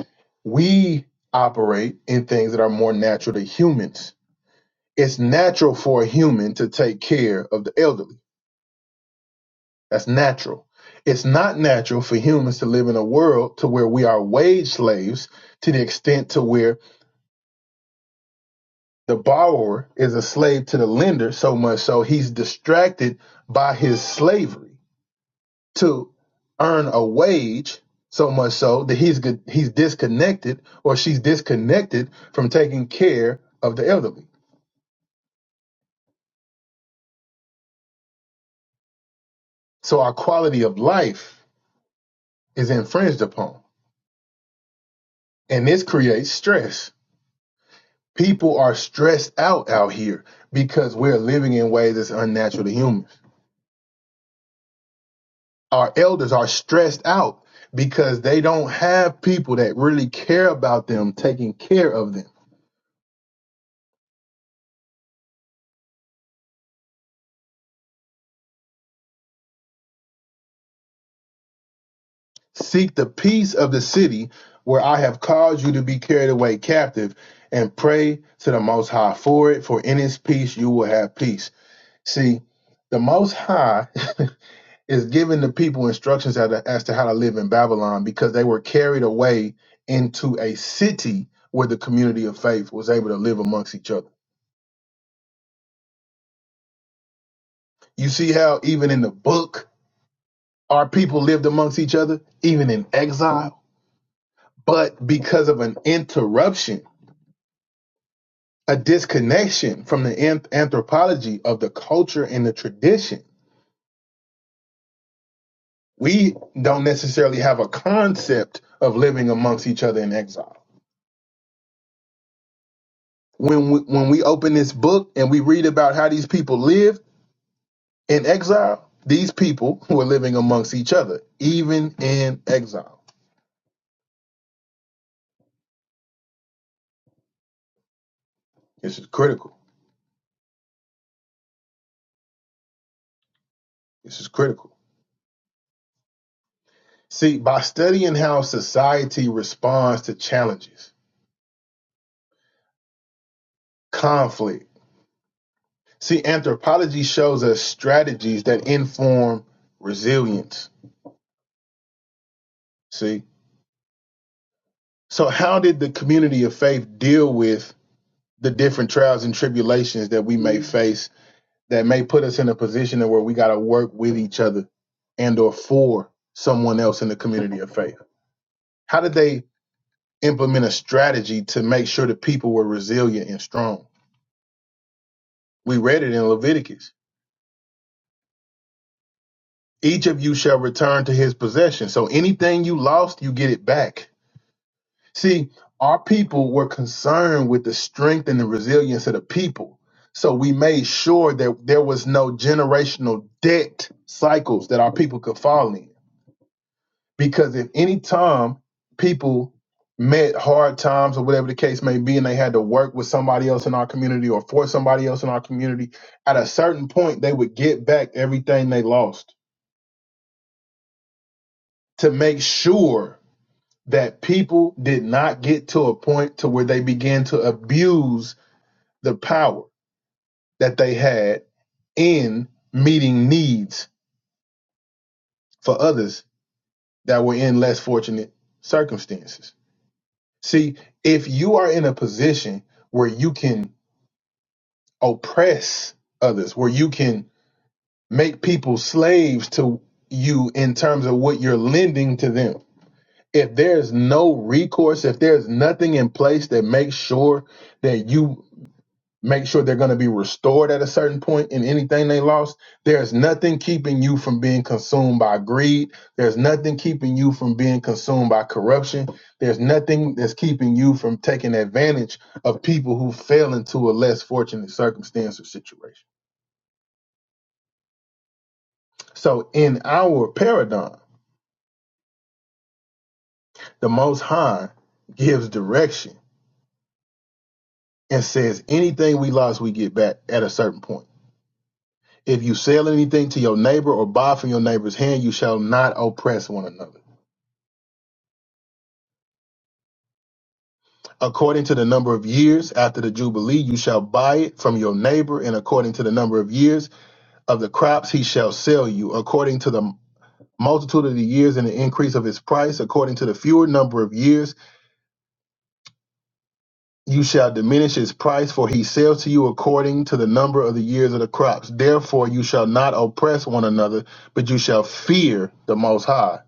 we operate in things that are more natural to humans. It's natural for a human to take care of the elderly. That's natural. It's not natural for humans to live in a world to where we are wage slaves to the extent to where The borrower is a slave to the lender so much so he's distracted by his slavery to earn a wage so much so that he's he's disconnected or she's disconnected from taking care of the elderly. So our quality of life is infringed upon and this creates stress. People are stressed out out here because we're living in ways that's unnatural to humans. our elders are stressed out because they don't have people that really care about them taking care of them. Seek the peace of the city where I have caused you to be carried away captive and pray to the Most High for it, for in His peace you will have peace. See, the Most High is giving the people instructions as to, how to live in Babylon because they were carried away into a city where the community of faith was able to live amongst each other. You see how even in the book our people lived amongst each other, even in exile, but because of an interruption, a disconnection from the anth- anthropology of the culture and the tradition, we don't necessarily have a concept of living amongst each other in exile. When we, when we open this book and we read about how these people lived in exile, these people were living amongst each other, even in exile. This is critical. This is critical. See, by studying how society responds to challenges, conflict, see, anthropology shows us strategies that inform resilience. See, so how did the community of faith deal with the different trials and tribulations that we may face that may put us in a position where we got to work with each other and or for someone else in the community of faith? How did they implement a strategy to make sure the people were resilient and strong? We read it in Leviticus each of you shall return to his possession. So anything you lost, you get it back. See, our people were concerned with the strength and the resilience of the people. So we made sure that there was no generational debt cycles that our people could fall in. Because if any time people met hard times or whatever the case may be, and they had to work with somebody else in our community or for somebody else in our community, at a certain point, they would get back everything they lost to make sure that people did not get to a point to where they began to abuse the power that they had in meeting needs for others that were in less fortunate circumstances. See, if you are in a position where you can oppress others, where you can make people slaves to you in terms of what you're lending to them, if there's no recourse, if there's nothing in place that makes sure that you make sure they're going to be restored at a certain point in anything they lost. There's nothing keeping you from being consumed by greed. There's nothing keeping you from being consumed by corruption. There's nothing that's keeping you from taking advantage of people who fell into a less fortunate circumstance or situation. So in our paradigm, the Most High gives direction and says anything we lost, we get back at a certain point. If you sell anything to your neighbor or buy from your neighbor's hand, you shall not oppress one another According to the number of years after the Jubilee, you shall buy it from your neighbor, and according to the number of years of the crops, he shall sell you. According to the multitude of the years and the increase of his price, according to the fewer number of years, you shall diminish his price, for he sells to you according to the number of the years of the crops. Therefore, you shall not oppress one another, but you shall fear the Most High,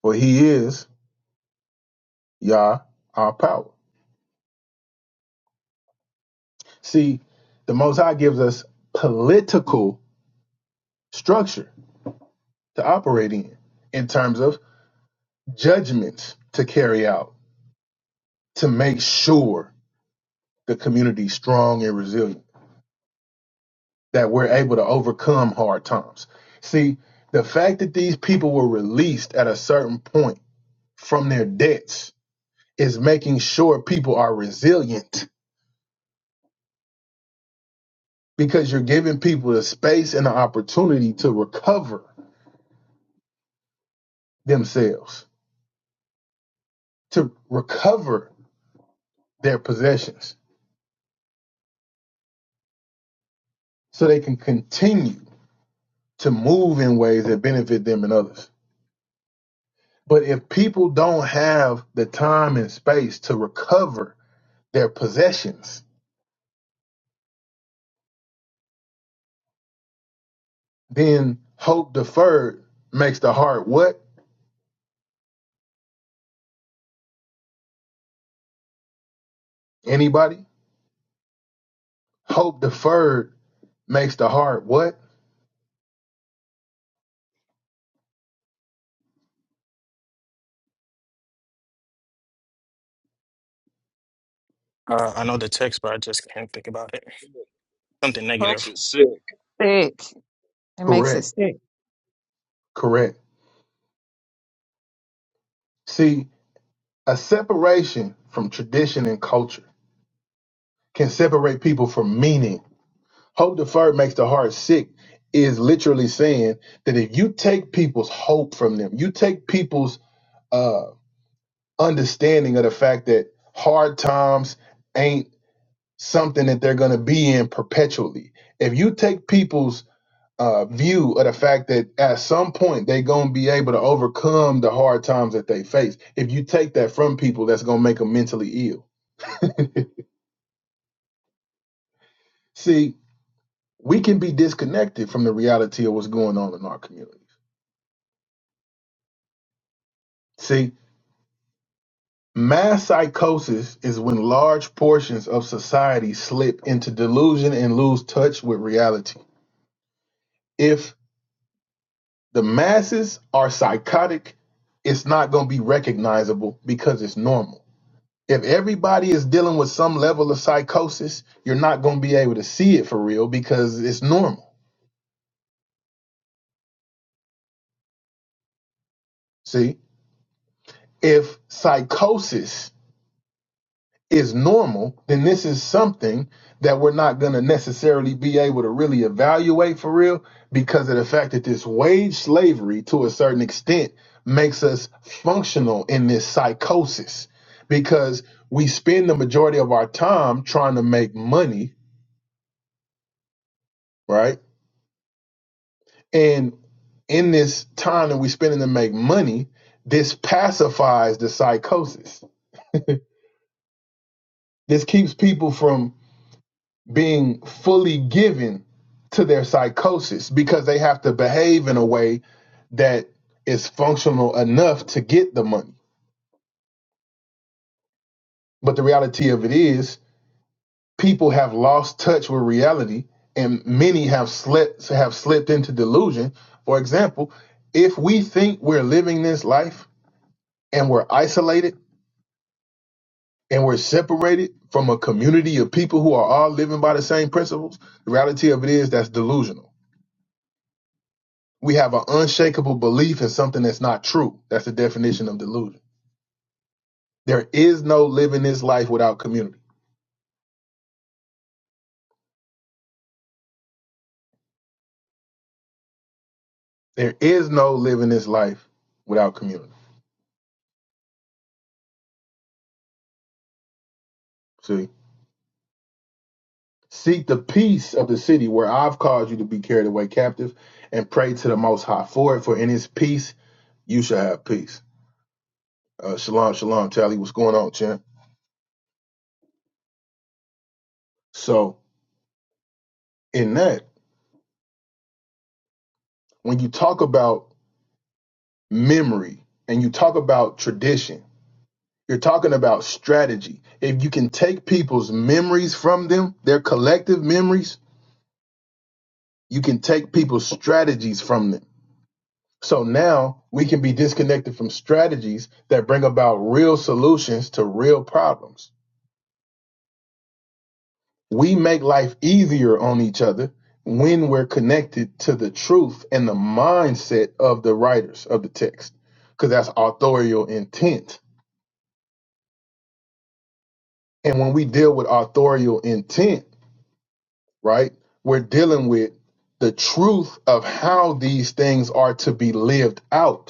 for he is Yah, our power. See, the Most High gives us political structure to operate in, in terms of judgments to carry out to make sure the community's strong and resilient, that we're able to overcome hard times. See, the fact that these people were released at a certain point from their debts is making sure people are resilient because you're giving people the space and the opportunity to recover themselves, to recover their possessions so they can continue to move in ways that benefit them and others. But if people don't have the time and space to recover their possessions, then hope deferred makes the heart what? Anybody? Hope deferred makes the heart what? Uh, I know the text, but I just can't think about it. Something Hope negative. sick. It makes it Correct. sick. Correct. See, a separation from tradition and culture can separate people from meaning. Hope deferred makes the heart sick is literally saying that if you take people's hope from them, you take people's uh, understanding of the fact that hard times ain't something that they're going to be in perpetually. If you take people's uh, view of the fact that at some point they're going to be able to overcome the hard times that they face, if you take that from people, that's going to make them mentally ill. See, we can be disconnected from the reality of what's going on in our communities. See, mass psychosis is when large portions of society slip into delusion and lose touch with reality If The masses are psychotic. It's not going to be recognizable because it's normal. If everybody is dealing with some level of psychosis, you're not going to be able to see it for real because it's normal. See, if psychosis is normal, then this is something that we're not going to necessarily be able to really evaluate for real because of the fact that this wage slavery to a certain extent makes us functional in this psychosis because we spend the majority of our time trying to make money, right? And in this time that we spend to make money, this pacifies the psychosis. This keeps people from being fully given to their psychosis because they have to behave in a way that is functional enough to get the money. But the reality of it is, people have lost touch with reality, and many have slept have slipped into delusion. For example, if we think we're living this life and we're isolated and we're separated from a community of people who are all living by the same principles, the reality of it is that's delusional We have an unshakable belief in something that's not true. That's the definition of delusion. There is no living this life without community. There is no living this life without community. See? Seek the peace of the city where I've caused you to be carried away captive and pray to the Most High for it, for in His peace you shall have peace. Uh, shalom, shalom, Tally. What's going on, champ? So, in that, when you talk about memory and you talk about tradition, You're talking about strategy. If you can take people's memories from them, their collective memories, you can take people's strategies from them. So now we can be disconnected from strategies that bring about real solutions to real problems. We make life easier on each other when we're connected to the truth and the mindset of the writers of the text, because that's authorial intent. And when we deal with authorial intent, right? We're dealing with the truth of how these things are to be lived out.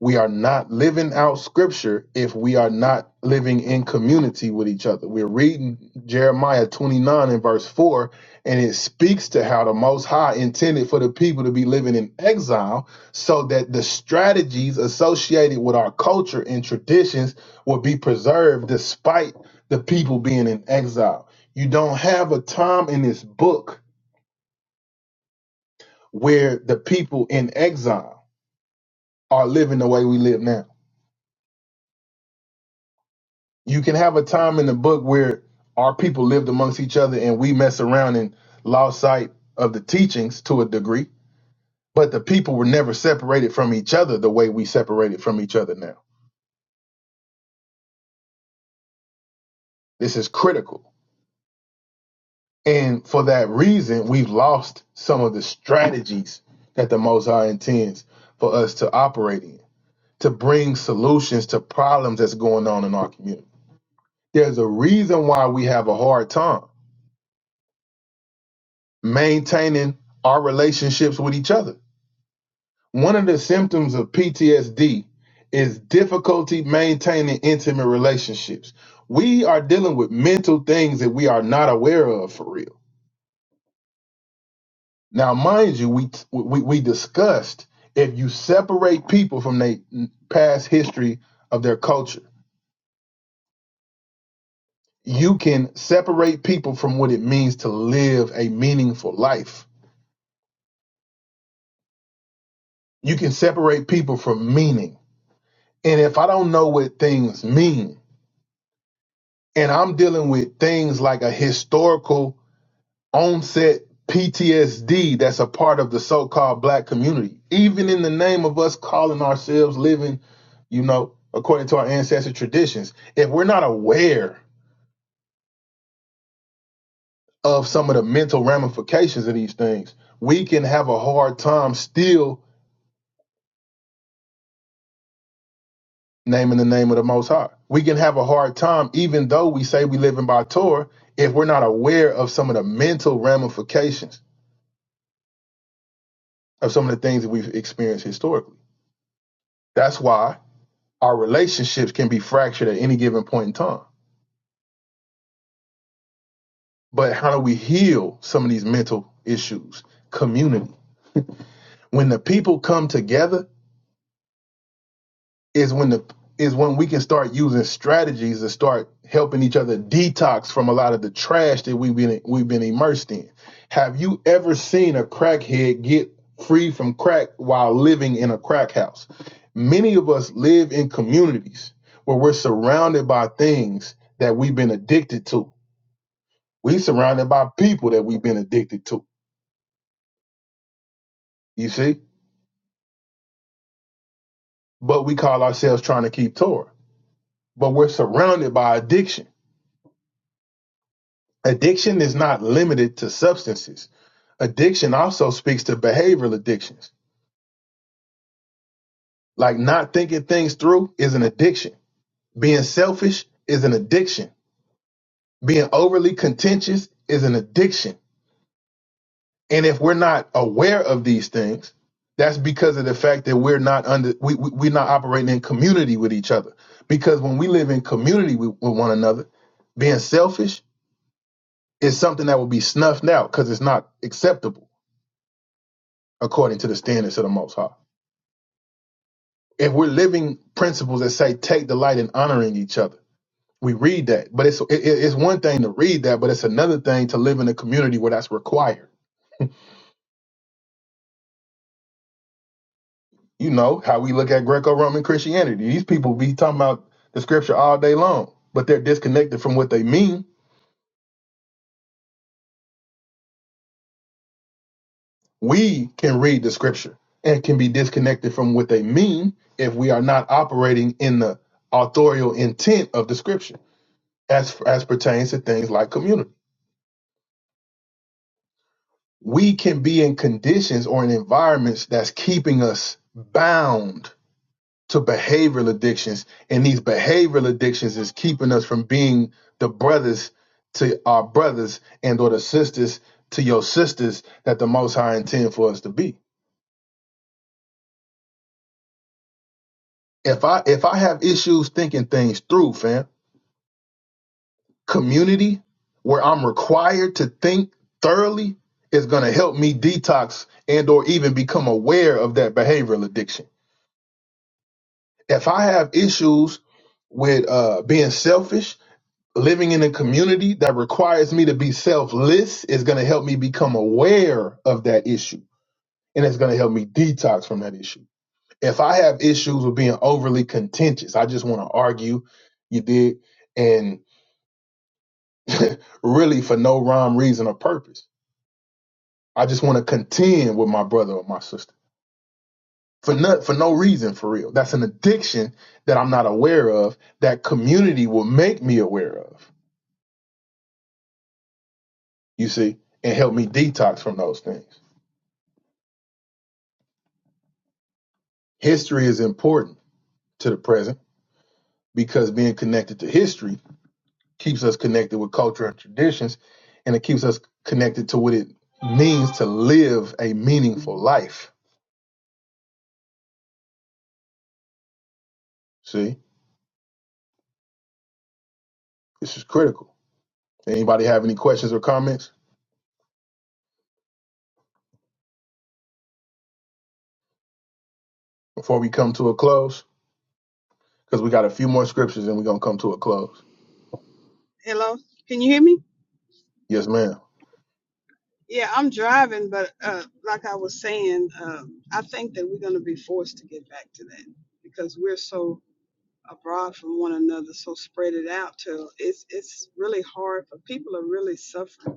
We are not living out scripture if we are not living in community with each other. We're reading Jeremiah 29 and verse 4, and it speaks to how the Most High intended for the people to be living in exile so that the strategies associated with our culture and traditions will be preserved despite the people being in exile. You don't have a time in this book where the people in exile are living the way we live now you can have a time in the book where our people lived amongst each other and we mess around and lost sight of the teachings to a degree, but the people were never separated from each other the way we separated from each other now. This is critical. And for that reason, we've lost some of the strategies that the Most High intends for us to operate in, to bring solutions to problems that's going on in our community. There's a reason why we have a hard time maintaining our relationships with each other one of the symptoms of PTSD is difficulty maintaining intimate relationships. We are dealing with mental things that we are not aware of for real. Now, mind you, we we, we discussed if you separate people from their past history of their culture, you can separate people from what it means to live a meaningful life. You can separate people from meaning. And if I don't know what things mean, and I'm dealing with things like a historical onset PTSD that's a part of the so-called black community, even in the name of us calling ourselves living, you know, according to our ancestral traditions. If we're not aware of some of the mental ramifications of these things, we can have a hard time still naming the name of the Most High. We can have a hard time, even though we say we live in by Torah, if we're not aware of some of the mental ramifications of some of the things that we've experienced historically. That's why Our relationships can be fractured at any given point in time. But how do we heal some of these mental issues? Community. When the people come together is when the is when we can start using strategies to start helping each other detox from a lot of the trash that we've been we've been immersed in. Have you ever seen a crackhead get free from crack while living in a crack house? Many of us live in communities where we're surrounded by things that we've been addicted to We surrounded by people that we've been addicted to. You see? But we call ourselves trying to keep Torah. But we're surrounded by addiction. Addiction is not limited to substances. Addiction also speaks to behavioral addictions. Like not thinking things through is an addiction. Being selfish is an addiction. Being overly contentious is an addiction And if we're not aware of these things, that's because of the fact that we're not under we, we we're not operating in community with each other. Because when we live in community with, with one another, being selfish is something that will be snuffed out because it's not acceptable according to the standards of the Most High. If we're living principles that say take delight in honoring each other, we read that. But it's it, it's one thing to read that, but it's another thing to live in a community where that's required. You know how we look at Greco-Roman Christianity. These people be talking about the scripture all day long, but they're disconnected from what they mean. We can read the scripture and can be disconnected from what they mean if we are not operating in the authorial intent of the scripture as as pertains to things like community. We can be in conditions or in environments that's keeping us bound to behavioral addictions and these behavioral addictions is keeping us from being the brothers to our brothers and or the sisters to your sisters that the most high intend for us to be if i if i have issues thinking things through fam community where i'm required to think thoroughly is going to help me detox and or even become aware of that behavioral addiction if i have issues with uh being selfish living in a community that requires me to be selfless is going to help me become aware of that issue and it's going to help me detox from that issue. If I have issues with being overly contentious, I just want to argue, you did, and really for no rhyme, reason, or purpose. I just want to contend with my brother or my sister for no, for no reason, for real. That's an addiction that I'm not aware of that community will make me aware of, you see, and help me detox from those things. History is important to the present because being connected to history keeps us connected with culture and traditions, and it keeps us connected to what it means to live a meaningful life. See, this is critical. Anybody have any questions or comments before we come to a close? Because we got a few more scriptures and we're going to come to a close. Hello? Can you hear me? Yes, ma'am. Yeah, I'm driving, but uh, like I was saying, um, I think that we're going to be forced to get back to that because we're so abroad from one another, so spread it out till it's it's really hard for people are really suffering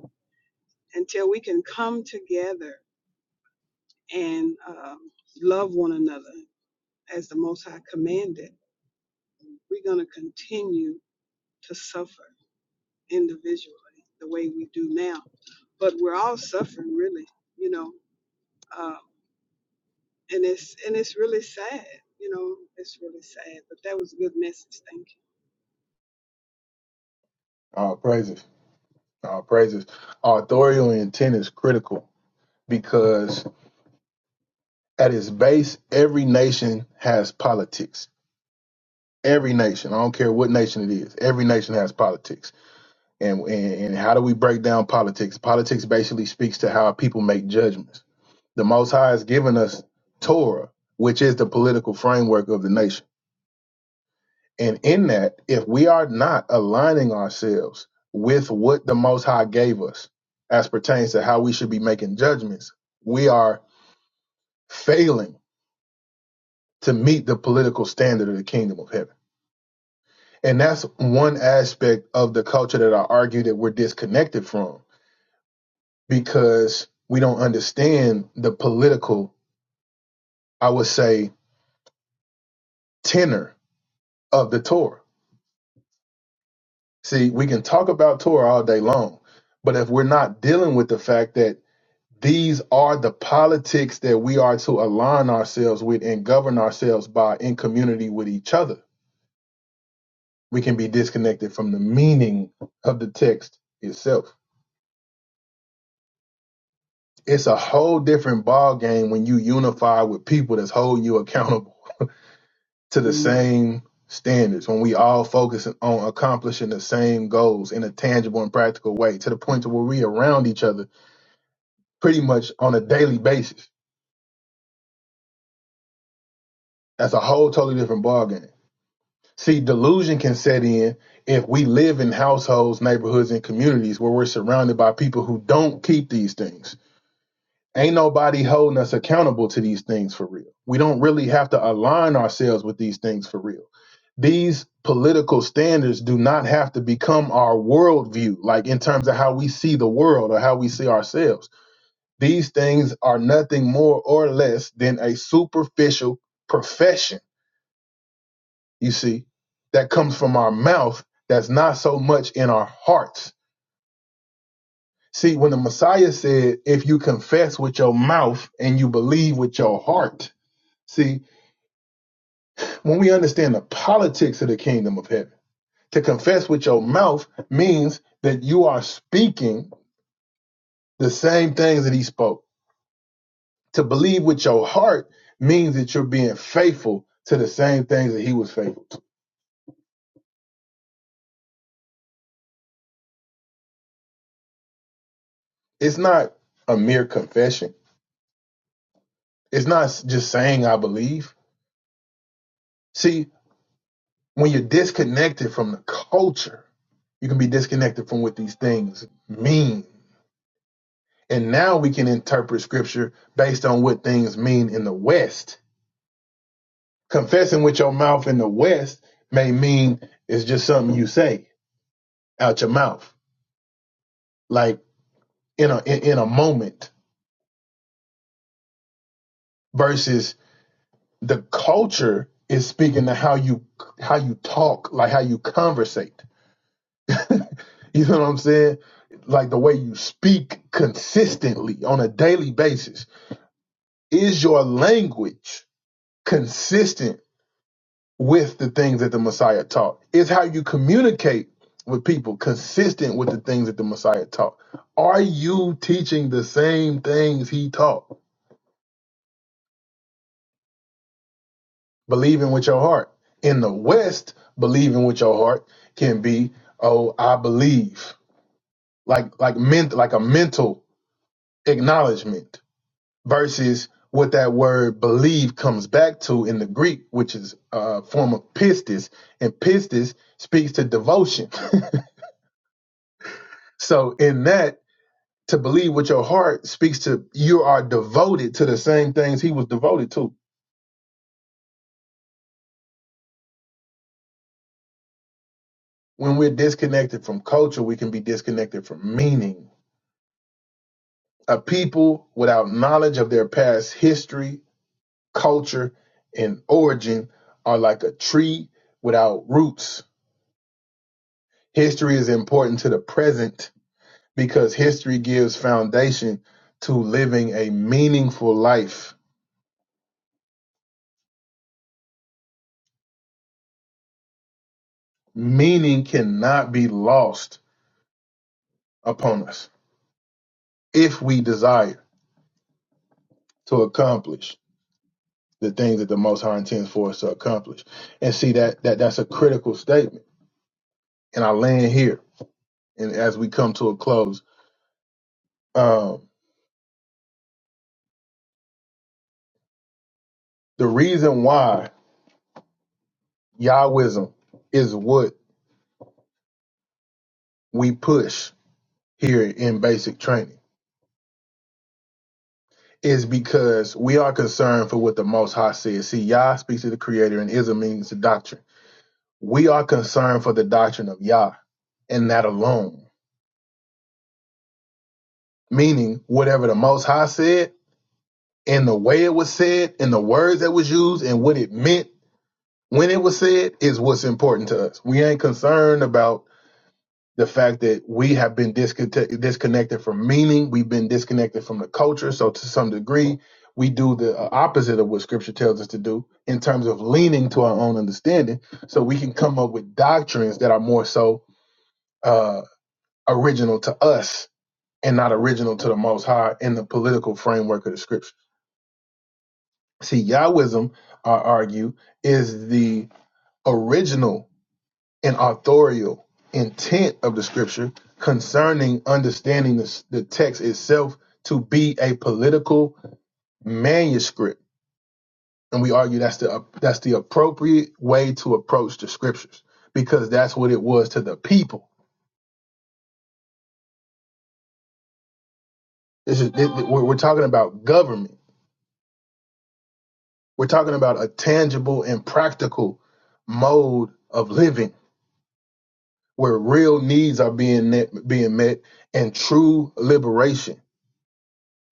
until we can come together and um, love one another as the Most High commanded, we're going to continue to suffer individually the way we do now. But we're all suffering, really, you know, um, and it's and it's really sad, you know, it's really sad. But that was a good message. Thank you, All praises. All praises. Authorial intent is critical because at its base, every nation has politics every nation, I don't care what nation it is, every nation has politics. And, and and how do we break down politics? Politics basically speaks to how people make judgments. The Most High has given us Torah, which is the political framework of the nation. And in that, if we are not aligning ourselves with what the Most High gave us as pertains to how we should be making judgments, we are failing to meet the political standard of the kingdom of heaven. and that's one aspect of the culture that I argue that we're disconnected from because we don't understand the political, I would say, tenor of the Torah. See, we can talk about Torah all day long, but if we're not dealing with the fact that these are the politics that we are to align ourselves with and govern ourselves by in community with each other, we can be disconnected from the meaning of the text itself. it's a whole different ball game when you unify with people that's holding you accountable to the Mm. same standards when we all focus on accomplishing the same goals in a tangible and practical way to the point to where we around each other pretty much on a daily basis that's a whole totally different ball game see delusion can set in if we live in households neighborhoods and communities where we're surrounded by people who don't keep these things Ain't nobody holding us accountable to these things for real. We don't really have to align ourselves with these things for real. These political standards do not have to become our worldview, like in terms of how we see the world or how we see ourselves. These things are nothing more or less than a superficial profession, you see, that comes from our mouth that's not so much in our hearts. See, when the Messiah said, if you confess with your mouth and you believe with your heart, See, when we understand the politics of the kingdom of heaven, to confess with your mouth means that you are speaking the same things that he spoke. To believe with your heart means that you're being faithful to the same things that he was faithful. It's not a mere confession. It's not just saying I believe. See, when you're disconnected from the culture, you can be disconnected from what these things mean. And now we can interpret scripture based on what things mean in the West Confessing with your mouth in the West may mean it's just something you say out your mouth, like in a in, in a moment. Versus the culture is speaking to how you how you talk, like how you conversate. You know what I'm saying? Like the way you speak consistently on a daily basis. Is your language consistent? with the things that the Messiah taught. It's how you communicate with people consistent with the things that the Messiah taught. Are you teaching the same things he taught? Believing with your heart. In the West, believing with your heart can be, oh, I believe. Like like ment like a mental acknowledgement versus what that word believe comes back to in the Greek, which is a form of pistis, and pistis speaks to devotion. So in that To believe with your heart speaks to you are devoted to the same things he was devoted to. When we're disconnected from culture, we can be disconnected from meaning. A people without knowledge of their past history, culture, and origin are like a tree without roots. History is important to the present because history gives foundation to living a meaningful life. Meaning cannot be lost upon us if we desire. to accomplish the things that the Most High intends for us to accomplish. And see that that that's a critical statement. And I land here. And as we come to a close, um, the reason why Yahwism is what we push here in basic training is because we are concerned for what the Most High says. See, Yah speaks to the Creator, and Ism means the doctrine. We are concerned for the doctrine of Yah and that alone, meaning whatever the Most High said and the way it was said and the words that was used and what it meant when it was said is what's important to us. We ain't concerned about the fact that we have been disconnect- disconnected from meaning. We've been disconnected from the culture. So to some degree, we do the uh, opposite of what scripture tells us to do in terms of leaning to our own understanding. So we can come up with doctrines that are more so uh, original to us and not original to the most high in the political framework of the scripture. See, Yahwism, I argue, is the original and authorial intent of the scripture concerning understanding the, the text itself to be a political manuscript. And we argue that's the that's the appropriate way to approach the scriptures because that's what it was to the people. This is it, it- we're we're talking about government. We're talking about a tangible and practical mode of living where real needs are being met, being met and true liberation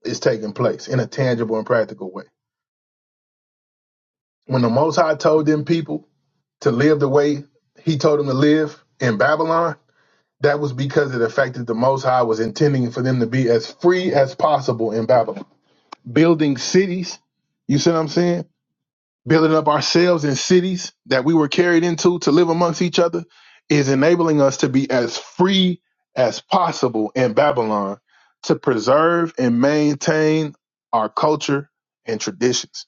is taking place in a tangible and practical way. When the Most High told them people to live the way He told them to live in Babylon, that was because of the fact that the Most High was intending for them to be as free as possible in Babylon, building cities. You see what I'm saying? building up ourselves in cities that we were carried into to live amongst each other is enabling us to be as free as possible in Babylon to preserve and maintain our culture and traditions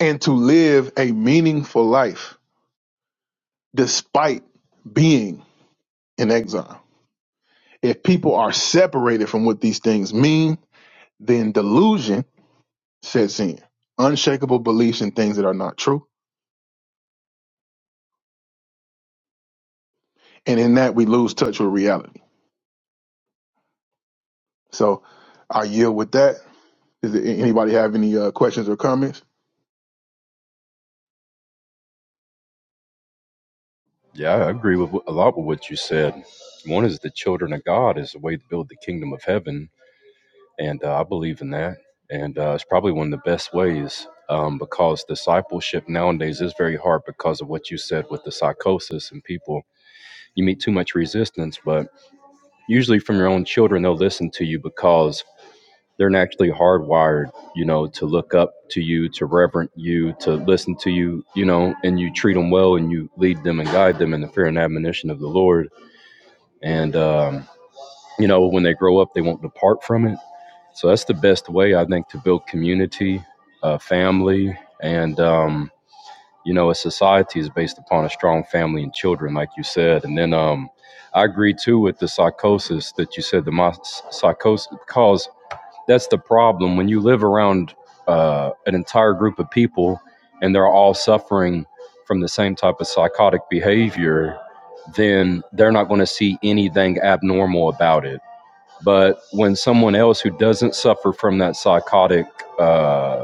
and to live a meaningful life despite being in exile. If people are separated from what these things mean, then delusion sets in, unshakable beliefs in things that are not true. And in that, we lose touch with reality. So I yield with that. Does anybody have any uh, questions or comments? Yeah, I agree with wh- a lot with what you said. One is the children of God is a way to build the kingdom of heaven, and uh, I believe in that. And uh, it's probably one of the best ways um, because discipleship nowadays is very hard because of what you said with the psychosis and people. You meet too much resistance, but usually from your own children, they'll listen to you because they're naturally hardwired, you know, to look up to you, to reverent you, to listen to you, you know, and you treat them well and you lead them and guide them in the fear and admonition of the Lord and um, you know when they grow up they won't depart from it so that's the best way i think to build community uh, family and um, you know a society is based upon a strong family and children like you said and then um, i agree too with the psychosis that you said the psychosis cause that's the problem when you live around uh, an entire group of people and they're all suffering from the same type of psychotic behavior then they're not going to see anything abnormal about it but when someone else who doesn't suffer from that psychotic uh,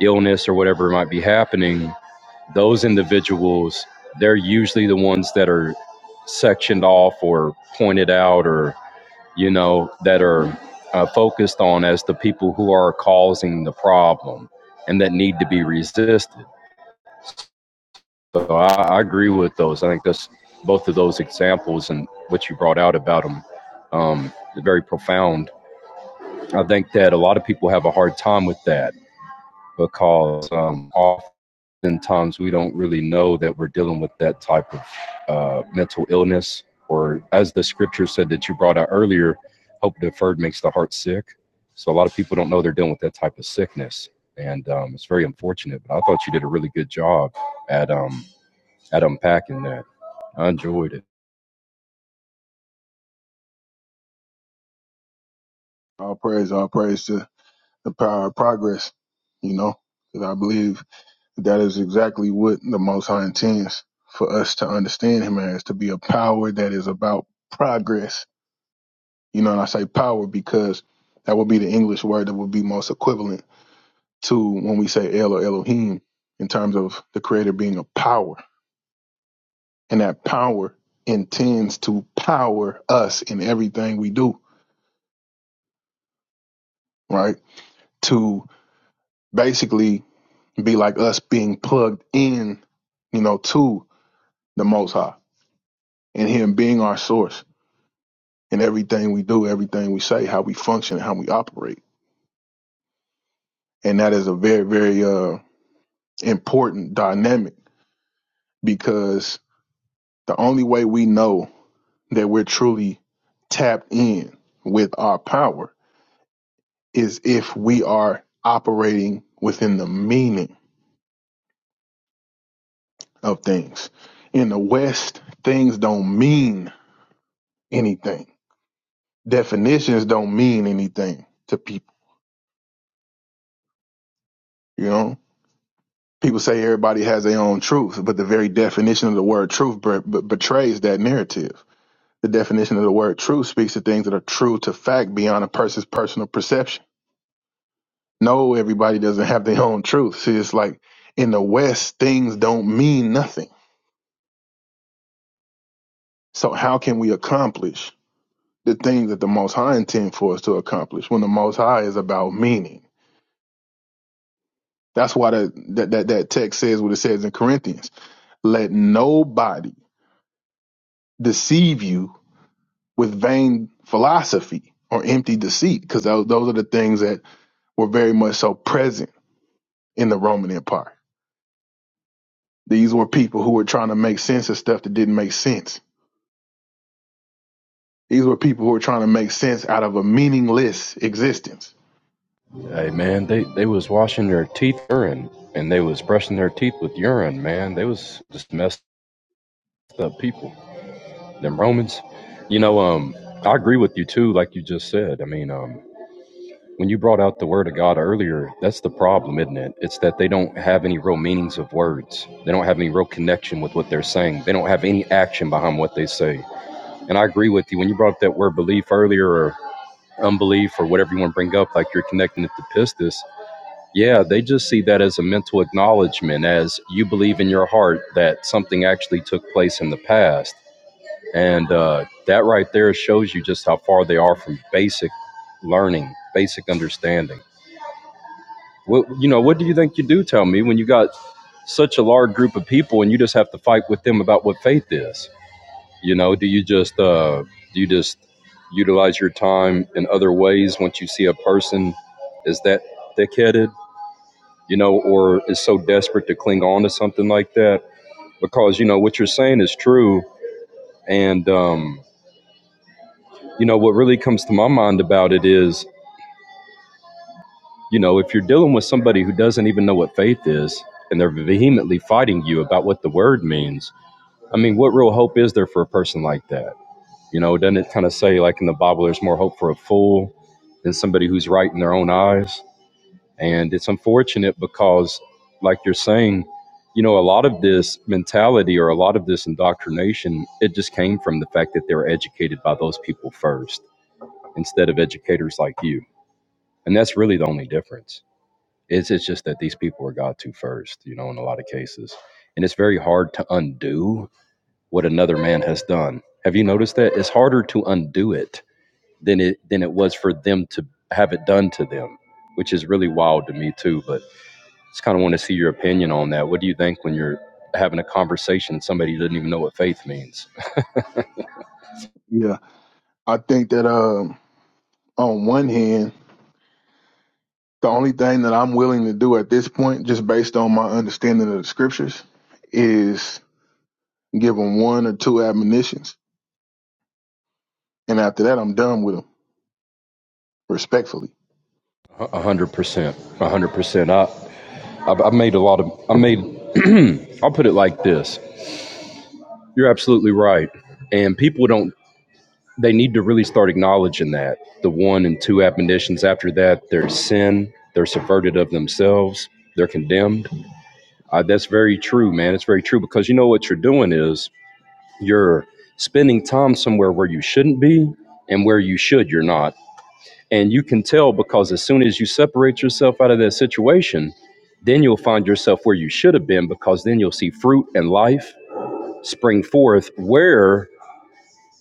illness or whatever might be happening those individuals they're usually the ones that are sectioned off or pointed out or you know, that are uh, focused on as the people who are causing the problem and that need to be resisted. So I, I agree with those. I think that's both of those examples and what you brought out about them um, very profound. I think that a lot of people have a hard time with that because um, off oftentimes we don't really know that we're dealing with that type of uh, mental illness, or as the scripture said that you brought out earlier, hope deferred makes the heart sick. So a lot of people don't know they're dealing with that type of sickness, and um, it's very unfortunate. But I thought you did a really good job at um, at unpacking that. I enjoyed it. All praise, all praise to the power of progress, you know, because I believe that is exactly what the Most High intends for us to understand Him as to be a power that is about progress. You know, and I say power because that would be the English word that would be most equivalent to when we say El or Elohim in terms of the Creator being a power. And that power intends to power us in everything we do right? To basically be like us being plugged in, you know, to the Most High and Him being our source in everything we do, everything we say, how we function, how we operate. And that is a very, very uh, important dynamic because the only way we know that we're truly tapped in with our power is if we are operating within the meaning of things. In the West, things don't mean anything. Definitions don't mean anything to people. You know, people say everybody has their own truth, but the very definition of the word truth b- b- betrays that narrative. The definition of the word truth speaks to things that are true to fact beyond a person's personal perception. No, everybody doesn't have their own truth. See, it's like in the West, things don't mean nothing. So how can we accomplish the things that the Most High intends for us to accomplish when the Most High is about meaning? That's why that that that, that text says what it says in Corinthians Let nobody deceive you with vain philosophy or empty deceit, because those, those are the things that were very much so present in the Roman Empire. These were people who were trying to make sense of stuff that didn't make sense. These were people who were trying to make sense out of a meaningless existence. Hey man, they they was washing their teeth urine, and they was brushing their teeth with urine. Man, they was just messed up people. them Romans. You know, um, I agree with you too, like you just said. I mean, um, when you brought out the word of God earlier, that's the problem, isn't it? It's that they don't have any real meanings of words. They don't have any real connection with what they're saying. They don't have any action behind what they say. And I agree with you. When you brought up that word belief earlier or unbelief or whatever you want to bring up, like you're connecting it to pistis, yeah, they just see that as a mental acknowledgement, as you believe in your heart that something actually took place in the past and uh, that right there shows you just how far they are from basic learning, basic understanding. What you know, what do you think you do? Tell me when you got such a large group of people and you just have to fight with them about what faith is. You know, do you just uh, do you just utilize your time in other ways once you see a person is that thick-headed, you know, or is so desperate to cling on to something like that? Because you know what you're saying is true, and um, You know, what really comes to my mind about it is, you know, if you're dealing with somebody who doesn't even know what faith is and they're vehemently fighting you about what the word means, I mean, what real hope is there for a person like that? You know, doesn't it kind of say, like in the Bible, there's more hope for a fool than somebody who's right in their own eyes? And it's unfortunate because, like you're saying, you know, a lot of this mentality or a lot of this indoctrination, it just came from the fact that they were educated by those people first instead of educators like you and that's really the only difference it's, it's just that these people were god to first you know in a lot of cases and it's very hard to undo what another man has done have you noticed that it's harder to undo it than it than it was for them to have it done to them which is really wild to me too but just kind of want to see your opinion on that what do you think when you're having a conversation and somebody doesn't even know what faith means Yeah, I think that um, on one hand, the only thing that I'm willing to do at this point, just based on my understanding of the scriptures, is give them one or two admonitions And after that, I'm done with them, respectfully. a hundred percent a hundred percent i I've, I've made a lot of i made i'll put it like this You're absolutely right. And people don't, they need to really start acknowledging that. The one and two admonitions after that, their sin, they're subverted of themselves, they're condemned. Uh, that's very true, man. It's very true because you know what you're doing is you're spending time somewhere where you shouldn't be and where you should, you're not. And you can tell because as soon as you separate yourself out of that situation, then you'll find yourself where you should have been because then you'll see fruit and life spring forth where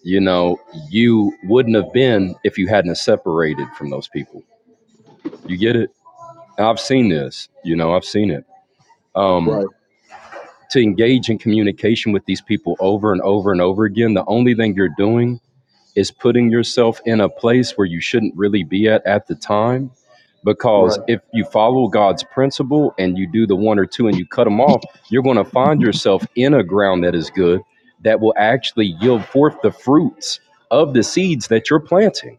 you know, you wouldn't have been if you hadn't separated from those people. You get it? I've seen this, you know, I've seen it. Um, Right, to engage in communication with these people over and over and over again, the only thing you're doing is putting yourself in a place where you shouldn't really be at at the time. Because right, if you follow God's principle and you do the one or two and you cut them off, you're going to find yourself in a ground that is good that will actually yield forth the fruits of the seeds that you're planting.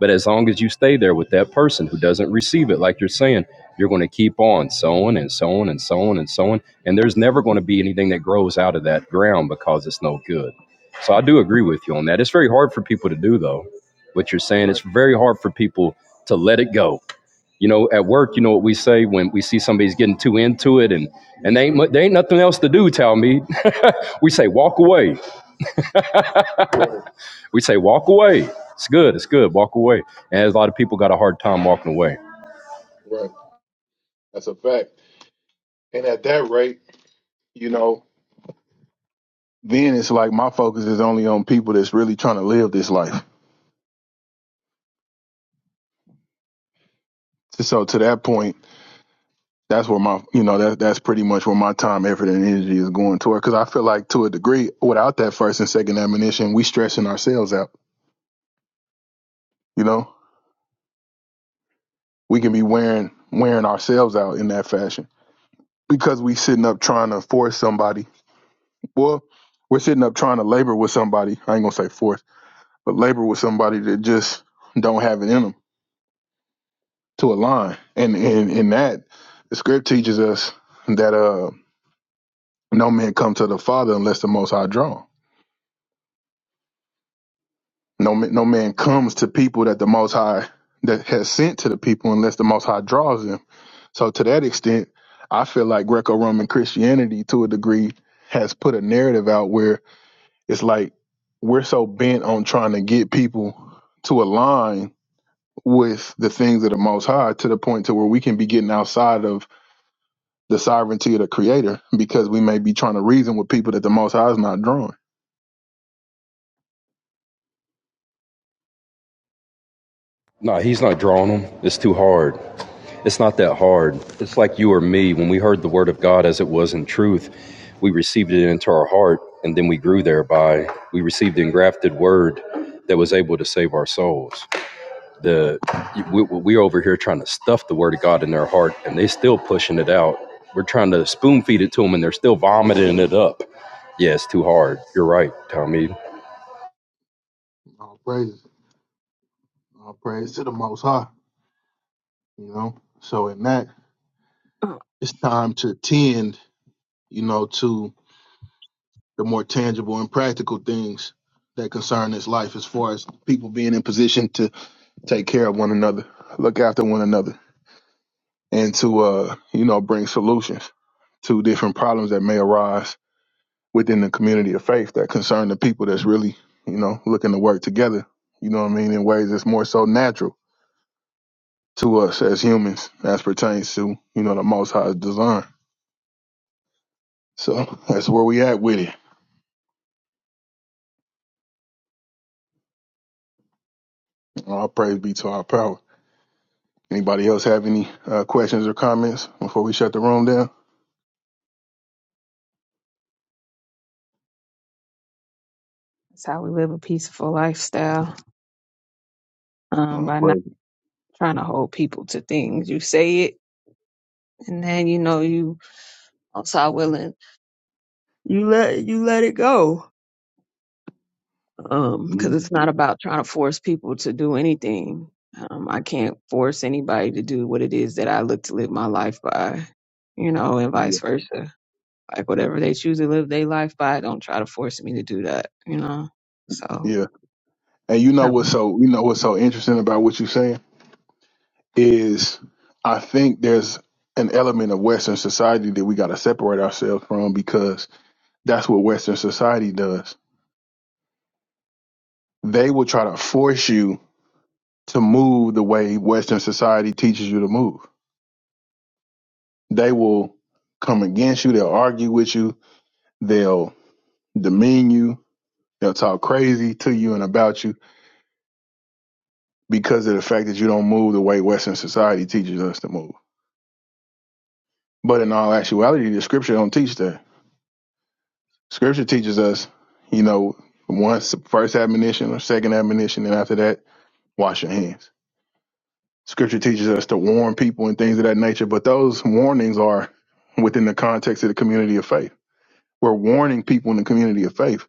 But as long as you stay there with that person who doesn't receive it, like you're saying, you're going to keep on sowing and sowing and sowing and sowing. And there's never going to be anything that grows out of that ground because it's no good. So I do agree with you on that. It's very hard for people to do though. What you're saying, it's very hard for people to let it go. You know, at work, you know what we say when we see somebody's getting too into it, and and they ain't mu- they ain't nothing else to do. Tell me, we say walk away. We say walk away. It's good. It's good. Walk away. And a lot of people got a hard time walking away. right. That's a fact. And at that rate, you know, then it's like my focus is only on people that's really trying to live this life. So to that point, that's where my, you know, that that's pretty much where my time, effort, and energy is going toward. Because I feel like to a degree, without that first and second admonition, we stressing ourselves out. You know, we can be wearing wearing ourselves out in that fashion because we sitting up trying to force somebody. Well, we're sitting up trying to labor with somebody. I ain't gonna say force but labor with somebody that just don't have it in them to align. And in in that, the script teaches us that uh, no man comes to the Father unless the Most High draw. No no man comes to people that the Most High that has sent to the people unless the Most High draws them. So to that extent, I feel like Greco-Roman Christianity, to a degree, has put a narrative out where it's like we're so bent on trying to get people to align with the things of the most high to the point to where we can be getting outside of the sovereignty of the creator because we may be trying to reason with people that the most high is not drawing. No, he's not drawing them. It's too hard. It's not that hard. It's like you or me. When we heard the word of God as it was in truth, we received it into our heart and then we grew thereby. We received the engrafted word that was able to save our souls. Right. The we, We're over here trying to stuff the word of God in their heart and they still pushing it out. We're trying to spoon feed it to them and they're still vomiting it up. Yeah, it's too hard. You're right, Tommy. All praises. All praise to the most high. You know? So in that That's it's time to tend, you know, to the more tangible and practical things that concern this life as far as people being in position to take care of one another, look after one another, and to uh, you know, bring solutions to different problems that may arise within the community of faith that concern the people that's really, you know, looking to work together, you know what I mean, in ways that's more so natural to us as humans as pertains to, you know, the most High's design. So that's where we at with it. All praise be to our power. Anybody else have any uh, questions or comments before we shut the room down? how we live a peaceful lifestyle um, Oh, by not praise. it. trying to hold people to things. You say it, and then you know you also willing. You let you let it go because Yeah, it's not about trying to force people to do anything. Um, I can't force anybody to do what it is that I look to live my life by, you know, and yeah, vice versa. Like whatever they choose to live their life by, don't try to force me to do that, you know. So yeah. And you know what's um, so you know what's so interesting about what you're saying is I think there's an element of Western society that we got to separate ourselves from because that's what Western society does. They will try to force you to move the way Western society teaches you to move. They will come against you. They'll argue with you. They'll demean you. They'll talk crazy to you and about you because of the fact that you don't move the way Western society teaches us to move. But in all actuality, the scripture don't teach that. Scripture teaches us, you know, once the first admonition or second admonition, and after that, wash your hands. Scripture teaches us to warn people and things of that nature, but those warnings are within the context of the community of faith. We're warning people in the community of faith.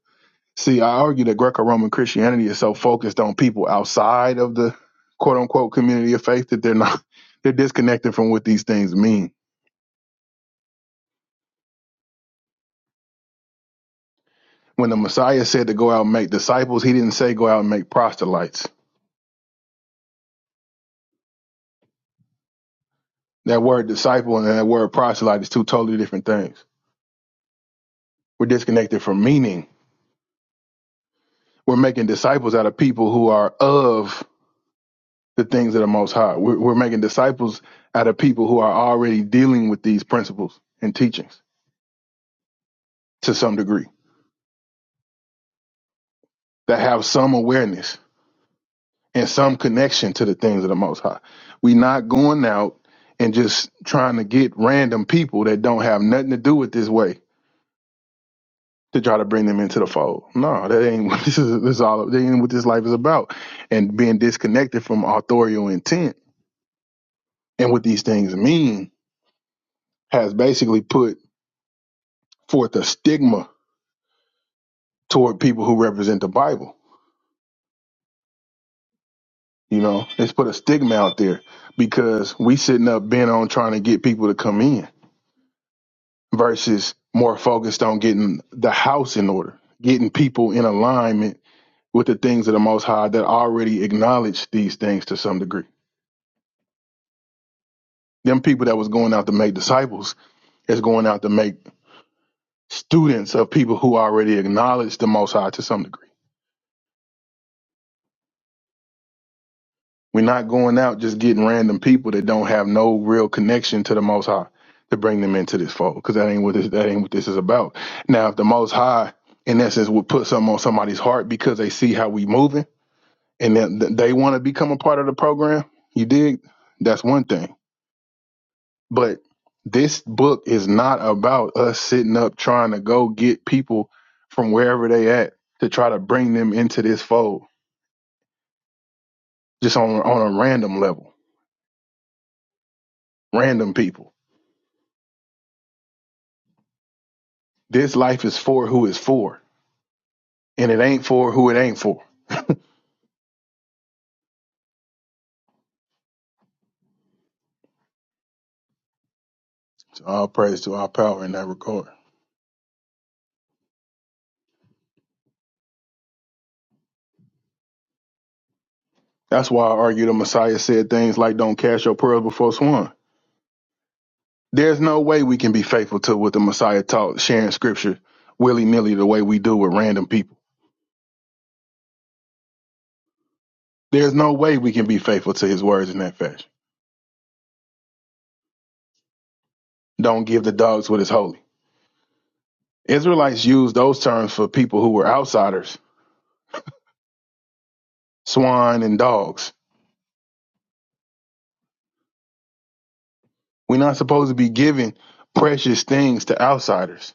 See, I argue that Greco Roman Christianity is so focused on people outside of the quote unquote community of faith that they're not, they're disconnected from what these things mean When the Messiah said to go out and make disciples, he didn't say go out and make proselytes. That word disciple and that word proselyte is two totally different things. We're disconnected from meaning. We're making disciples out of people who are of the things of the Most High. We're, we're making disciples out of people who are already dealing with these principles and teachings to some degree, that have some awareness and some connection to the things of the Most High. We're not going out and just trying to get random people that don't have nothing to do with this way to try to bring them into the fold. No, that ain't what this is. This is all that ain't what this life is about. And being disconnected from authorial intent and what these things mean has basically put forth a stigma toward people who represent the Bible. You know, it's put a stigma out there because we sitting up bent on trying to get people to come in versus more focused on getting the house in order, getting people in alignment with the things of the Most High that already acknowledge these things to some degree. Them people that was going out to make disciples is going out to make students of people who already acknowledge the Most High to some degree. We're not going out just getting random people that don't have no real connection to the Most High to bring them into this fold, because that ain't what this, that ain't what this is about. Now, if the Most High, in essence, would put something on somebody's heart because they see how we moving and that that they want to become a part of the program, you dig? That's one thing. But this book is not about us sitting up trying to go get people from wherever they at to try to bring them into this fold just on on a random level, random people. This life is for who it's for, and it ain't for who it ain't for. So all praise to our power in that regard. That's why I argue the Messiah said things like "Don't cast your pearls before swine." There's no way we can be faithful to what the Messiah taught, sharing scripture willy nilly the way we do with random people. There's no way we can be faithful to his words in that fashion. Don't give the dogs what is holy. Israelites used those terms for people who were outsiders, swine and dogs. We're not supposed to be giving precious things to outsiders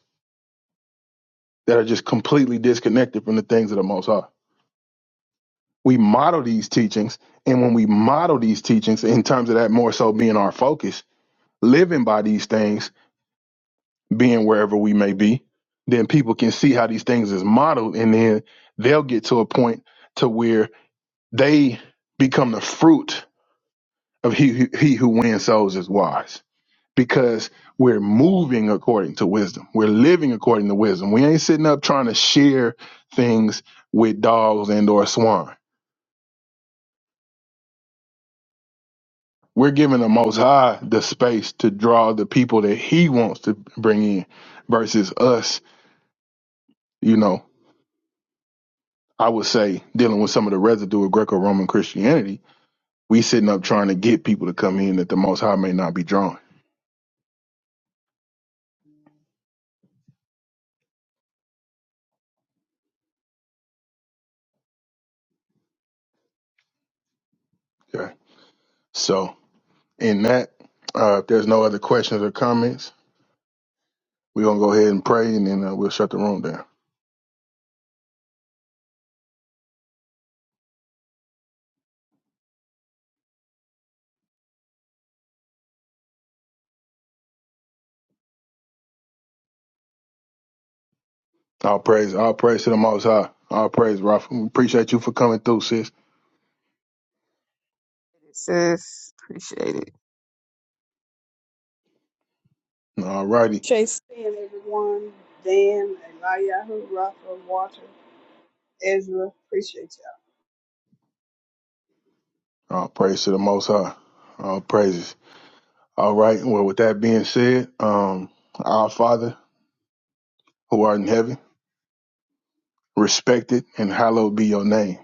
that are just completely disconnected from the things of the Most High. We model these teachings, and when we model these teachings in terms of that more so being our focus, living by these things, being wherever we may be, then people can see how these things is modeled, and then they'll get to a point to where they become the fruit of he who, he who wins souls is wise because we're moving according to wisdom. We're living according to wisdom. We ain't sitting up trying to share things with dogs and or swine. We're giving the Most High the space to draw the people that He wants to bring in, versus us. You know, I would say dealing with some of the residue of Greco-Roman Christianity. We sitting up trying to get people to come in that the Most High may not be drawing. Okay, so In that, uh, if there's no other questions or comments, we're gonna go ahead and pray, and then uh, we'll shut the room down. All praise, all praise to the Most High. All praise, Rafa. We appreciate you for coming through, sis. sis, appreciate it. All righty, Chase, and everyone, Dan, Eliyahu, Rafa, Walter, Ezra. Appreciate you. all praise to the Most High. All praises. All right. Well, with that being said, um, our Father who art in heaven, respected and hallowed be your name.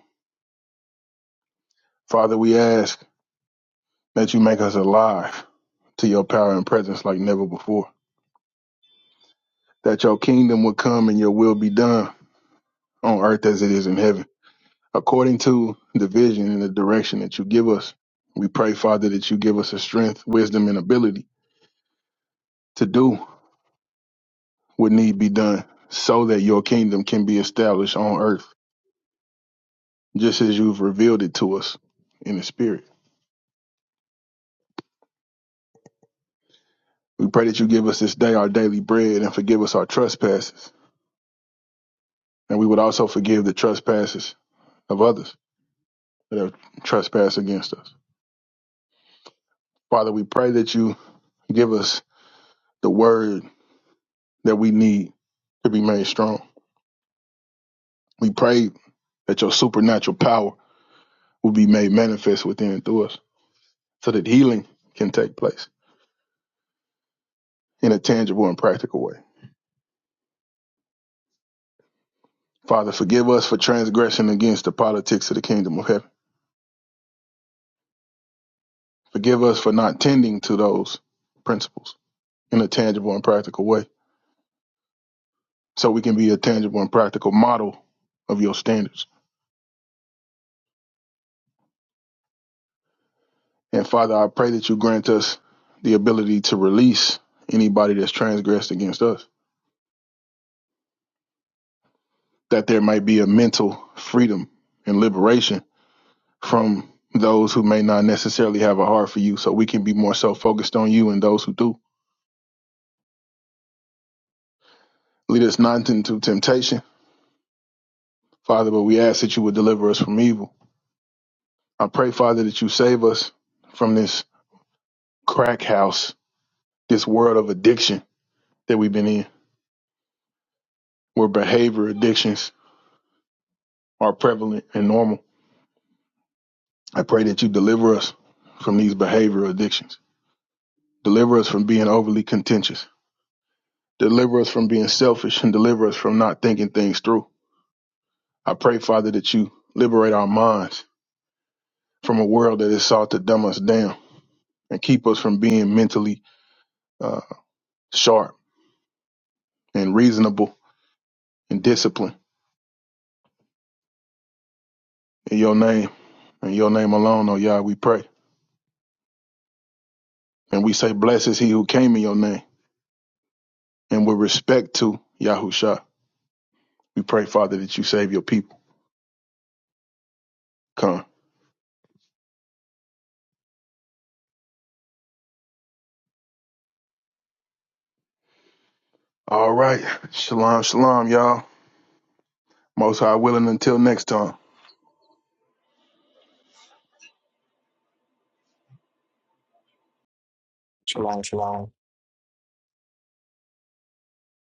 Father, we ask that you make us alive to your power and presence like never before. That your kingdom would come and your will be done on earth as it is in heaven. According to the vision and the direction that you give us, we pray, Father, that you give us the strength, wisdom, and ability to do what need be done so that your kingdom can be established on earth, just as you've revealed it to us in the spirit. We pray that you give us this day our daily bread and forgive us our trespasses. And we would also forgive the trespasses of others that have trespassed against us. Father, we pray that you give us the word that we need to be made strong. We pray that your supernatural power will be made manifest within and through us so that healing can take place in a tangible and practical way. Father, forgive us for transgression against the politics of the kingdom of heaven. Forgive us for not tending to those principles in a tangible and practical way so we can be a tangible and practical model of your standards. And Father, I pray that you grant us the ability to release anybody that's transgressed against us, that there might be a mental freedom and liberation from those who may not necessarily have a heart for you, so we can be more so focused on you and those who do. Lead us not into temptation, Father, but we ask that you would deliver us from evil. I pray, Father, that you save us from this crack house, this world of addiction that we've been in, where behavior addictions are prevalent and normal. I pray that you deliver us from these behavioral addictions. Deliver us from being overly contentious. Deliver us from being selfish and deliver us from not thinking things through. I pray, Father, that you liberate our minds from a world that is sought to dumb us down and keep us from being mentally uh, sharp and reasonable and disciplined. In your name, in your name alone, oh Yah, we pray. And we say, Blessed is he who came in your name. And with respect to Yahusha, we pray, Father, that you save your people. Come. All right. Shalom, shalom, y'all. Most high willing until next time. Shalom, shalom.